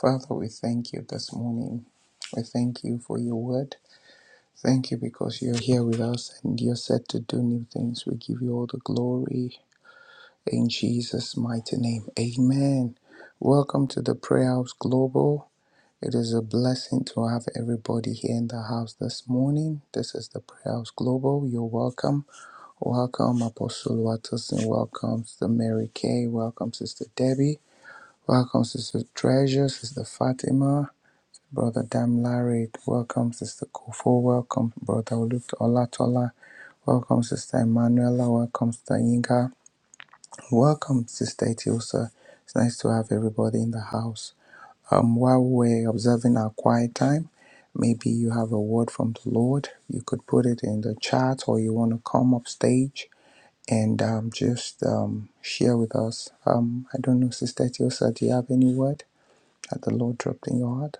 Father, we thank you this morning. We thank you for your word. Thank you because you're here with us and you're set to do new things. We give you all the glory in Jesus' mighty name. Amen. Welcome to the Prayer House Global. It is a blessing to have everybody here in the house this morning. This is the Prayer House Global. You're welcome. Welcome, Apostle Watterson. Welcome, Sister Mary Kay. Welcome, Sister Debbie. Welcome, Sister Treasure, Sister Fatima, Brother Dam Larry. Welcome, Sister Kofo. Welcome, Brother Oluk Olatola. Welcome, Sister Emanuela. Welcome, Sister Yinka. Welcome, Sister Etiosa. It's nice to have everybody in the house. Um, while we're observing our quiet time, maybe you have a word from the Lord. You could put it in the chat or you want to come up stage and um, just um, share with us. Um, I don't know, Sister Tiosa, do you have any word that the Lord dropped in your heart?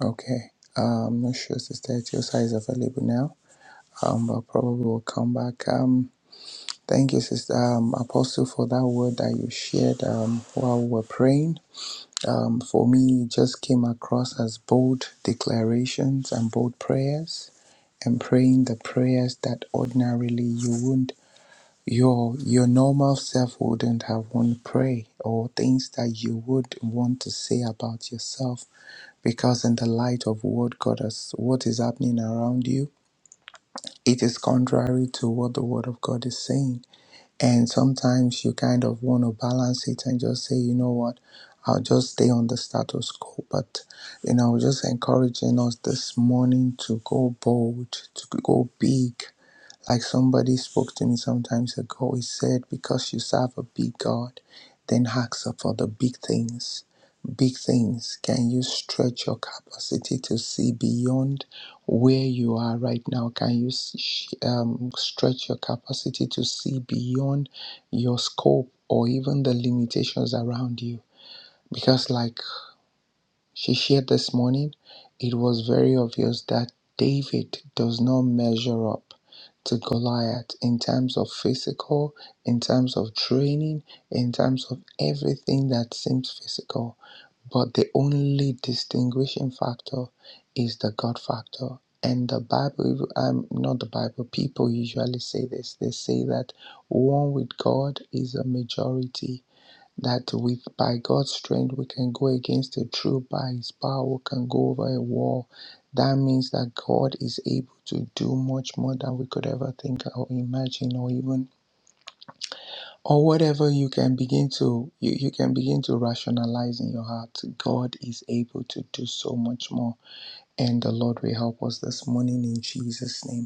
Okay. Uh, I'm not sure Sister Tiosa is available now, um, but probably will come back. Um, thank you, Sister um, Apostle, for that word that you shared um, while we were praying um, for me just came across as bold declarations and bold prayers and praying the prayers that ordinarily you wouldn't your your normal self wouldn't have want to pray or things that you would want to say about yourself because in the light of what God has what is happening around you it is contrary to what the word of God is saying and sometimes you kind of want to balance it and just say, you know what, I'll just stay on the status quo. But, you know, just encouraging us this morning to go bold, to go big, like somebody spoke to me sometimes ago, he said, Because you serve a big God, then ask for the big things. Big things. Can you stretch your capacity to see beyond where you are right now? Can you s- sh- um, stretch your capacity to see beyond your scope or even the limitations around you? Because, like she shared this morning, it was very obvious that David does not measure up to Goliath in terms of physical, in terms of training, in terms of everything that seems physical. But the only distinguishing factor is the God factor. And the Bible, um, not the Bible, people usually say this. They say that one with God is a majority that with by God's strength we can go against the truth by his power we can go over a wall that means that God is able to do much more than we could ever think or imagine or even or whatever you can begin to you, you can begin to rationalize in your heart God is able to do so much more and the Lord will help us this morning in Jesus name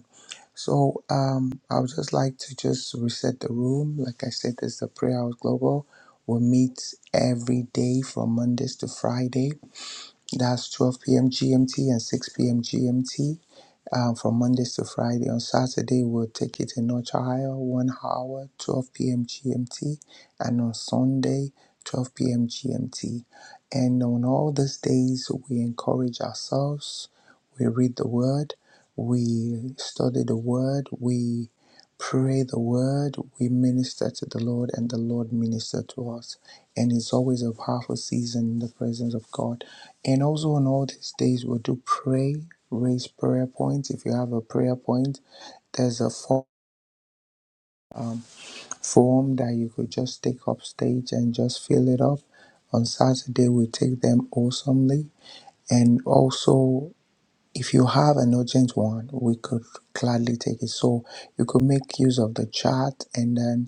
so um, I would just like to just reset the room. Like I said, this is the Prayer House Global. We meet every day from Mondays to Friday. That's 12 p.m. GMT and 6 p.m. GMT um, from Mondays to Friday. On Saturday, we'll take it a notch higher, one hour, 12 p.m. GMT, and on Sunday, 12 p.m. GMT. And on all these days, we encourage ourselves, we read the Word, we study the Word, we pray the word, we minister to the Lord, and the Lord minister to us. And it's always a powerful season in the presence of God. And also on all these days, we do pray, raise prayer points. If you have a prayer point, there's a fo- form that you could just take up stage and just fill it up. On Saturday, we take them awesomely. And also, if you have an urgent one, we could gladly take it. So you could make use of the chat and then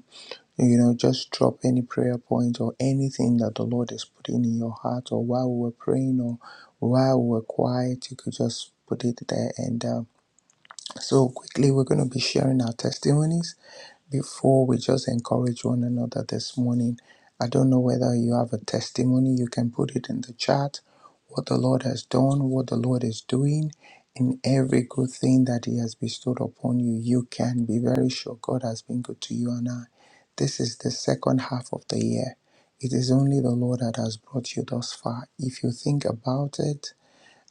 you know just drop any prayer point or anything that the lord is putting in your heart or while we were praying or while we were quiet you could just put it there and um, so, quickly, we're going to be sharing our testimonies before we just encourage one another this morning. I don't know whether you have a testimony, you can put it in the chat what the Lord has done, what the Lord is doing, in every good thing that He has bestowed upon you. You can be very sure God has been good to you and I. This is the second half of the year. It is only the Lord that has brought you thus far. If you think about it,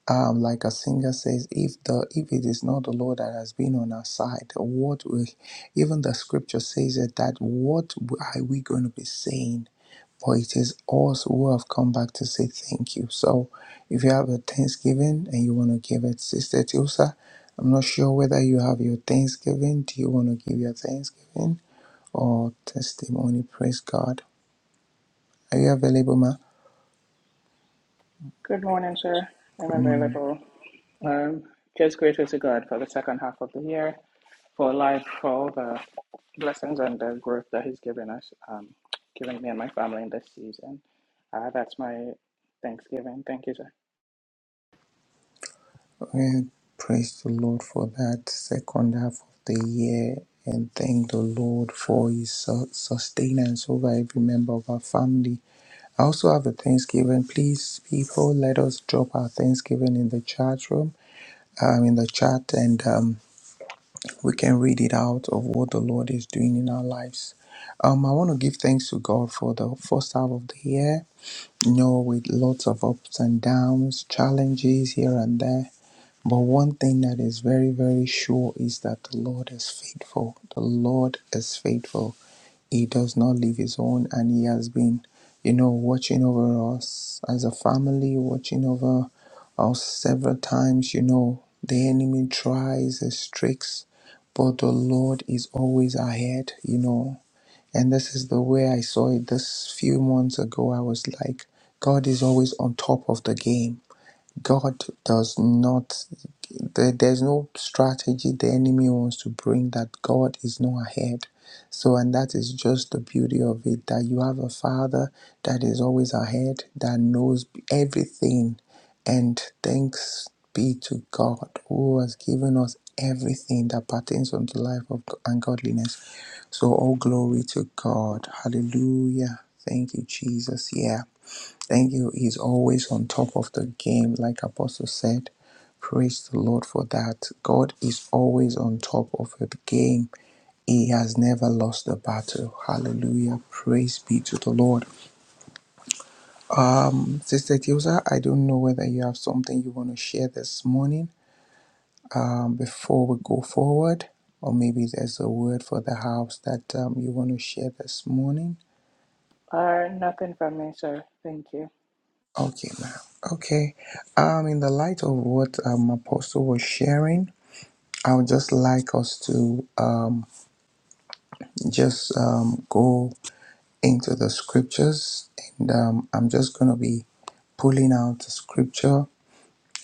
um, like a singer says, if the if it is not the Lord that has been on our side, what we, even the scripture says it that what are we going to be saying? But it is us who have come back to say thank you. So if you have a Thanksgiving and you want to give it, Sister Tilsa, I'm not sure whether you have your Thanksgiving. Do you want to give your Thanksgiving or testimony? Praise God. Are you available, ma?
Good morning, sir. I'm
Good morning.
available. Um, just grateful to God for the second half of the year, for life, for all the blessings and the growth that He's given us, um, given me and my family in this season. Uh, that's my Thanksgiving. Thank you, sir.
Well, praise the Lord for that second half of the year and thank the Lord for his su- sustenance over every member of our family. I also have a Thanksgiving. Please, people, let us drop our Thanksgiving in the chat room, um, in the chat, and um, we can read it out of what the Lord is doing in our lives. Um, I want to give thanks to God for the first half of the year. You know, with lots of ups and downs, challenges here and there. But one thing that is very, very sure is that the Lord is faithful. The Lord is faithful. He does not leave his own, and he has been, you know, watching over us as a family, watching over us several times. You know, the enemy tries his tricks, but the Lord is always ahead, you know. And this is the way I saw it this few months ago. I was like, God is always on top of the game. God does not there, there's no strategy the enemy wants to bring that God is not ahead. So, and that is just the beauty of it that you have a father that is always ahead, that knows everything. And thanks be to God who has given us everything that pertains unto life of and godliness. So, all glory to God. Hallelujah. Thank you, Jesus. Yeah. Thank you. He's always on top of the game, like Apostle said. Praise the Lord for that. God is always on top of the game. He has never lost a battle. Hallelujah. Praise be to the Lord. Um, Sister Tiosa, I don't know whether you have something you want to share this morning um, before we go forward, or maybe there's a word for the house that um, you want to share this morning.
Uh, nothing from me, sir. Thank you.
Okay, ma'am. Okay. Um, in the light of what um, Apostle was sharing, I would just like us to um, just um, go into the scriptures, and um, I'm just going to be pulling out the scripture,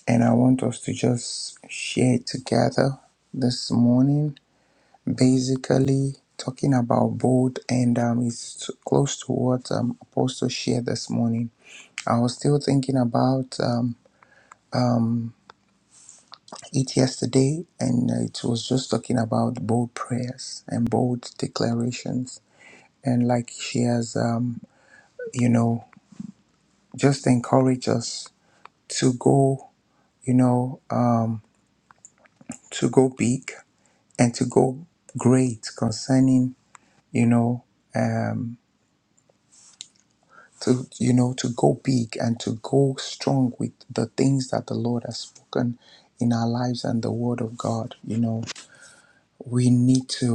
and I want us to just share it together this morning. Basically, talking about bold, and um, it's close to what um, Apostle shared this morning. I was still thinking about um, it yesterday, and it was just talking about bold prayers and bold declarations and like she has um, you know just encourage us to go you know, um, to go big and to go great concerning, you know, um, to you know, to go big and to go strong with the things that the Lord has spoken in our lives and the Word of God. You know, we need to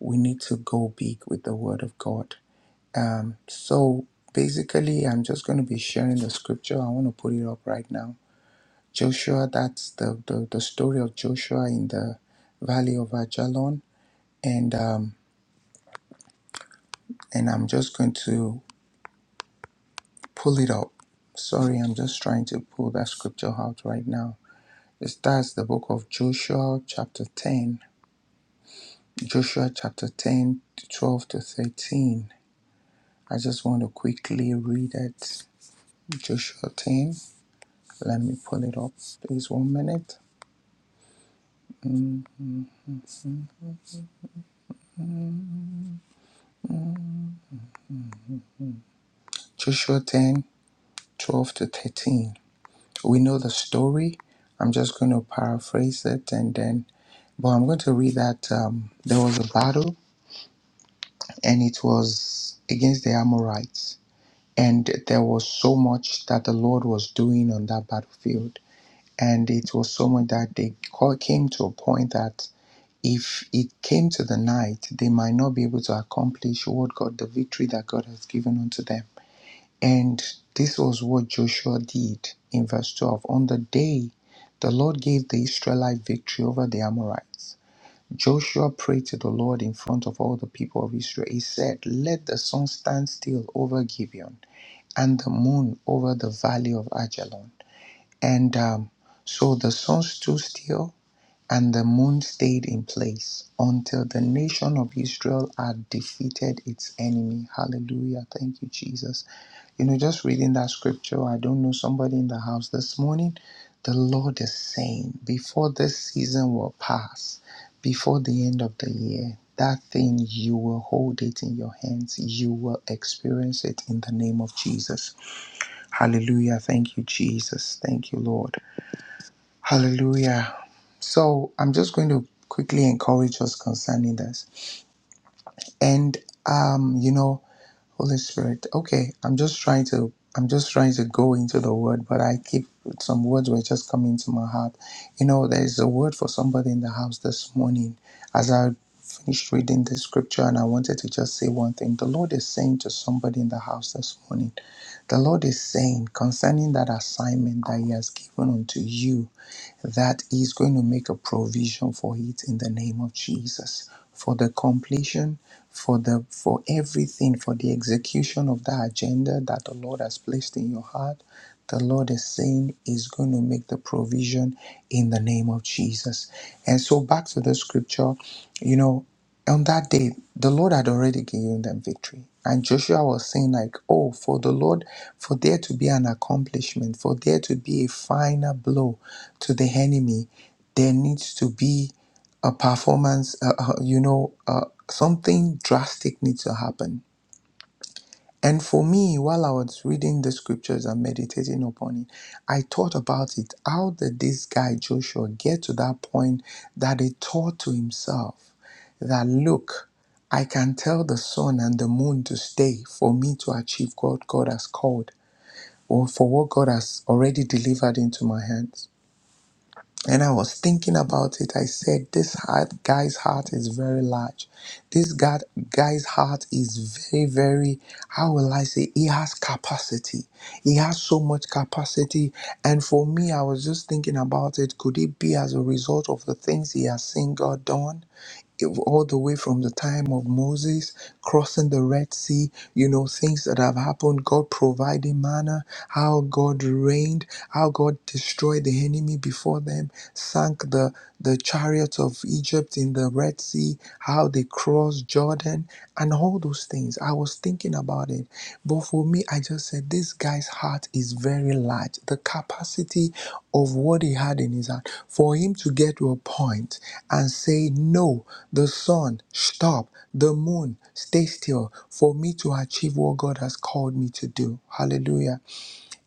we need to go big with the Word of God. Um, so basically, I'm just going to be sharing the scripture. I want to put it up right now. Joshua, that's the, the, the story of Joshua in the valley of Ajalon and um, and I'm just going to pull it up. Sorry, I'm just trying to pull that scripture out right now. It starts the book of Joshua, chapter 10, Joshua chapter 10, to 12 to 13. I just want to quickly read it. Joshua 10, let me pull it up. Please, one minute. Joshua ten, twelve to 13. We know the story. I'm just going to paraphrase it and then, but I'm going to read that um, there was a battle and it was against the Amorites. And there was so much that the Lord was doing on that battlefield. And it was so much that they ca- came to a point that if it came to the night, they might not be able to accomplish what God, the victory that God has given unto them. And this was what Joshua did in verse 12. On the day the Lord gave the Israelite victory over the Amorites Joshua prayed to the Lord in front of all the people of Israel. He said, Let the sun stand still over Gibeon and the moon over the valley of Ajalon. And um, so the sun stood still and the moon stayed in place until the nation of Israel had defeated its enemy. Hallelujah. Thank you, Jesus. You know, just reading that scripture, I don't know somebody in the house this morning. The Lord is saying, before this season will pass, before the end of the year, that thing you will hold it in your hands. You will experience it in the name of Jesus. Hallelujah. Thank you, Jesus. Thank you, Lord. Hallelujah. So I'm just going to quickly encourage us concerning this. And um, you know, Holy Spirit, okay, I'm just trying to I'm just trying to go into the word, but I keep some words were just coming to my heart. You know, there's a word for somebody in the house this morning. As I finished reading the scripture and I wanted to just say one thing. The Lord is saying to somebody in the house this morning, the Lord is saying concerning that assignment that He has given unto you, that He's going to make a provision for it in the name of Jesus. For the completion, for the for everything, for the execution of that agenda that the Lord has placed in your heart, the Lord is saying is going to make the provision in the name of Jesus. And so back to the scripture, you know, on that day, the Lord had already given them victory. And Joshua was saying, like, oh, for the Lord, for there to be an accomplishment, for there to be a final blow to the enemy, there needs to be a performance, uh, uh, you know, uh, something drastic needs to happen and for me, while I was reading the scriptures and meditating upon it, I thought about it. How did this guy Joshua get to that point that he thought to himself that, look, I can tell the sun and the moon to stay for me to achieve what God has called or for what God has already delivered into my hands? And I was thinking about it. I said, this heart, guy's heart is very large. This guy, guy's heart is very, very, how will I say, he has capacity. He has so much capacity. And for me, I was just thinking about it. Could it be as a result of the things he has seen God done? all the way from the time of Moses crossing the Red Sea, you know, things that have happened, God providing manna, how God reigned, how God destroyed the enemy before them, sank the, the chariots of Egypt in the Red Sea, how they crossed Jordan, and all those things things. I was thinking about it. But for me, I just said, this guy's heart is very large. The capacity of what he had in his heart, for him to get to a point and say, no, the sun, stop, the moon, stay still, for me to achieve what God has called me to do. Hallelujah.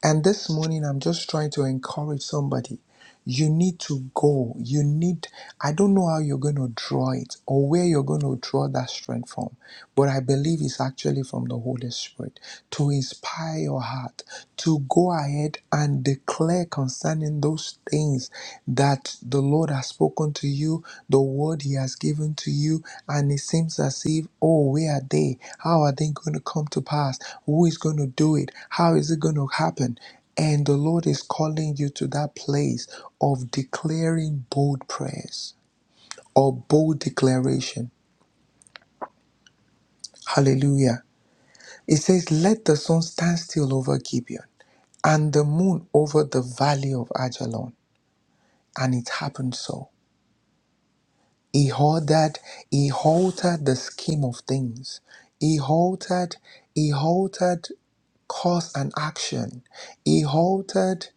And this morning, I'm just trying to encourage somebody. You need to go. You need, I don't know how you're going to draw it or where you're going to draw that strength from, but I believe it's actually from the Holy Spirit to inspire your heart to go ahead and declare concerning those things that the Lord has spoken to you, the word He has given to you, and it seems as if, oh, where are they? How are they going to come to pass? Who is going to do it? How is it going to happen? And the Lord is calling you to that place of declaring bold prayers or bold declaration. Hallelujah. It says, Let the sun stand still over Gibeon and the moon over the valley of Ajalon. And it happened so. He halted, he halted the scheme of things. He halted, he halted cause and action. He halted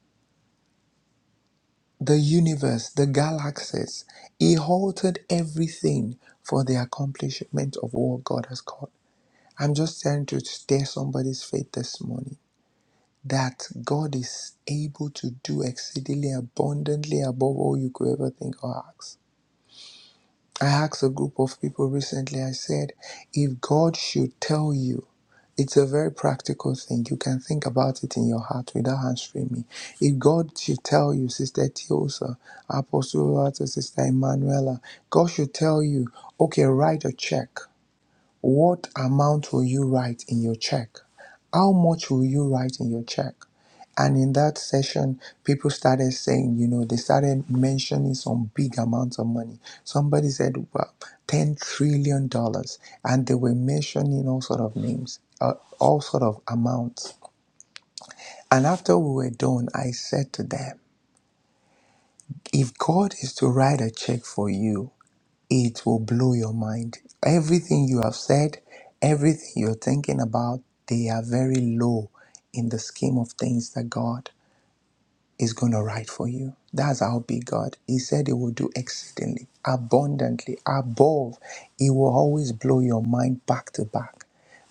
the universe, the galaxies. He halted everything for the accomplishment of what God has called. I'm just trying to stir somebody's faith this morning that God is able to do exceedingly abundantly above all you could ever think or ask. I asked a group of people recently, I said, if God should tell you, it's a very practical thing. You can think about it in your heart without answering me. If God should tell you, Sister Tiosa, Apostle Walter, Sister Emanuela, God should tell you, okay, write a check. What amount will you write in your check? How much will you write in your check? And in that session, people started saying, you know, they started mentioning some big amounts of money. Somebody said, well, $10 trillion. dollars. And they were mentioning all sort of names, uh, all sort of amounts. And after we were done, I said to them, if God is to write a check for you, it will blow your mind. Everything you have said, everything you're thinking about, they are very low in the scheme of things that God is going to write for you. That's how big God. He said he will do exceedingly, abundantly, above. It will always blow your mind back to back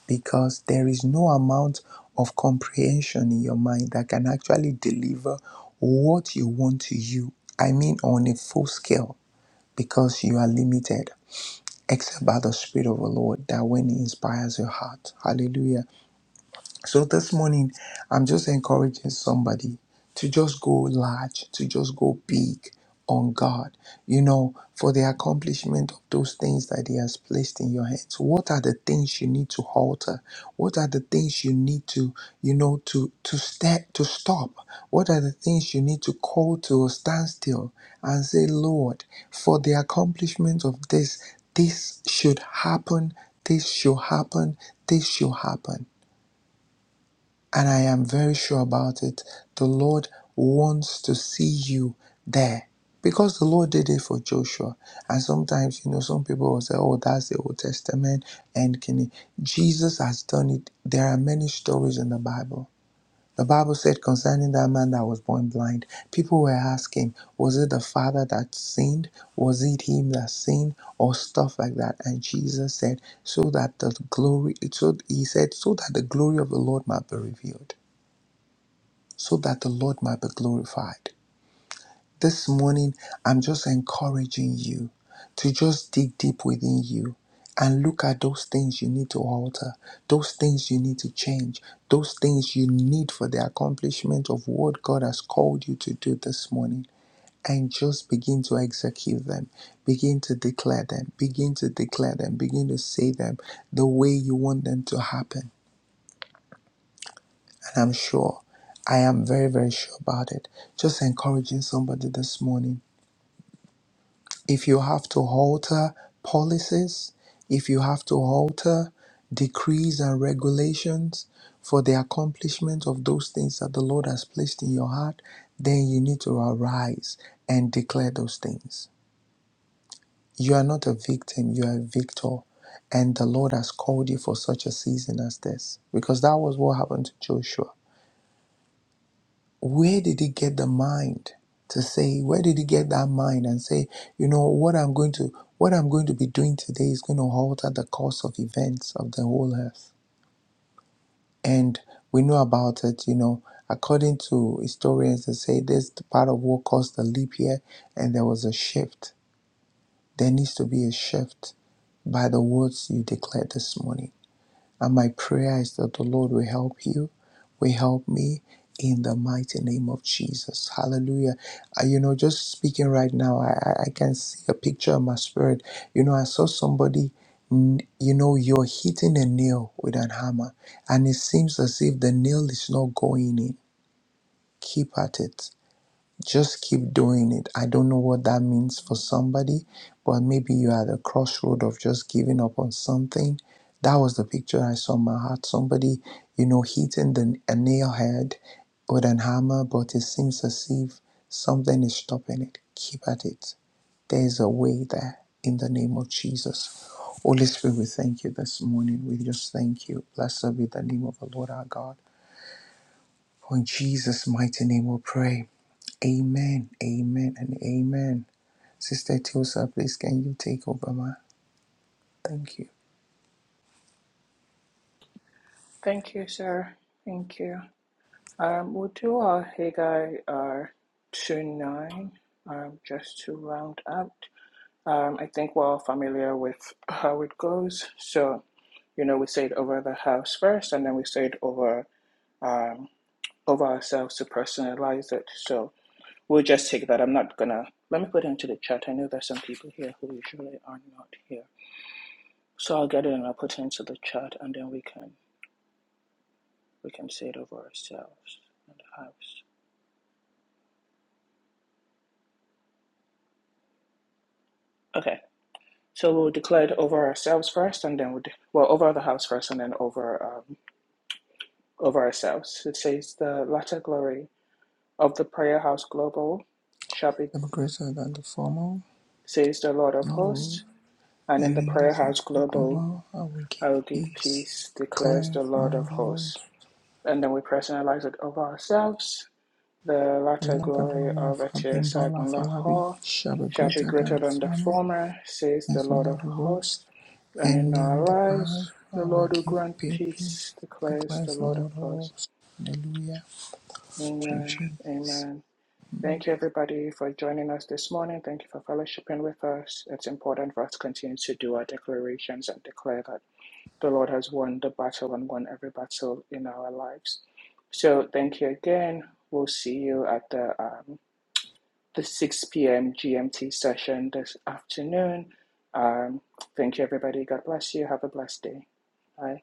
because there is no amount of comprehension in your mind that can actually deliver what you want to you. I mean, on a full scale, because you are limited except by the Spirit of the Lord that when He inspires your heart. Hallelujah. So this morning, I'm just encouraging somebody to just go large, to just go big on God, you know, for the accomplishment of those things that He has placed in your hands. What are the things you need to alter? What are the things you need to, you know, to to step to stop? What are the things you need to call to a standstill and say, Lord, for the accomplishment of this, this should happen, this should happen, this should happen. And I am very sure about it. The Lord wants to see you there because the Lord did it for Joshua. And sometimes, you know, some people will say, oh, that's the Old Testament. And can it? Jesus has done it. There are many stories in the Bible. The Bible said concerning that man that was born blind, people were asking, was it the father that sinned? Was it him that sinned? Or stuff like that. And Jesus said, so that the glory, so he said, so that the glory of the Lord might be revealed so that the Lord might be glorified. This morning, I'm just encouraging you to just dig deep within you and look at those things you need to alter, those things you need to change, those things you need for the accomplishment of what God has called you to do this morning. And just begin to execute them, begin to declare them, begin to declare them, begin to say them the way you want them to happen I'm sure. I am very, very sure about it. Just encouraging somebody this morning. If you have to alter policies, if you have to alter decrees and regulations for the accomplishment of those things that the Lord has placed in your heart, then you need to arise and declare those things. You are not a victim, you are a victor. And the Lord has called you for such a season as this. Because that was what happened to Joshua. where did he get the mind to say where did he get that mind and say you know what i'm going to what i'm going to be doing today is going to alter the course of events of the whole earth and we know about it you know according to historians they say this is the part of what caused the leap year and there was a shift there needs to be a shift by the words you declared this morning and my prayer is that the Lord will help you, will help me in the mighty name of Jesus. Hallelujah. Uh, you know, just speaking right now, I, I I can see a picture in my spirit. You know, I saw somebody, n- you know, you're hitting a nail with an hammer, and it seems as if the nail is not going in. Keep at it just keep doing it. I don't know what that means for somebody, but maybe you're at a crossroad of just giving up on something. That was the picture I saw in my heart. Somebody, you know, hitting the, a nail head with an hammer, but it seems as if something is stopping it. Keep at it. There is a way there in the name of Jesus. Holy Spirit, we thank you this morning. We just thank you. Blessed be the name of the Lord our God. For in Jesus' mighty name we pray. Amen, amen, and amen. Sister Tiosa, please can you take over, ma? Thank you.
Thank you, sir. Thank you. Um, we'll do our Haggai uh, 2 9 um, just to round out. Um, I think we're all familiar with how it goes. So You know, we stayed over the house first, and then we stayed over um, over ourselves to personalize it. So we'll just take that. I'm not gonna. Let me put it into the chat. I know there's some people here who usually are not here, so I'll get it and I'll put it into the chat, and then we can we can say it over ourselves and the house. Okay. So we'll declare it over ourselves first, and then we'll de- well over the house first, and then over um, over ourselves. It says the latter glory of the Prayer House Global shall be
I'm greater than the former,
says the Lord of Hosts
no,
And in
and
the
in the
Prayer House Global,
former I will give
I will give
peace.
peace, declares
Claire,
the
and
Lord of
Lord
hosts.
Wolf,
And then we personalize it over ourselves. The
the
latter
latter
glory
glory
of
of
Etia
Abimbola
Sagunla
Falabi
Hall
shall be
shall be
greater than
greater
the
than the
former,
former, says the
as the
Lord of
Lord of
hosts.
hosts,
And in
and in the
our
past
lives,
I
the
will
Lord will
give
grant
peace.
peace, declares the
Declares the
Lord of
Lord of
hosts.
hosts. Hallelujah.
Amen. Amen. Thank you, everybody, for joining us this morning. Thank you for fellowshipping with us. It's important for us to continue to do our declarations and declare that The Lord has won the battle and won every battle in our lives. So thank you again. We'll see you at the um, the 6 p.m. GMT session this afternoon. Um, thank you, everybody. God bless you. Have a blessed day. Bye.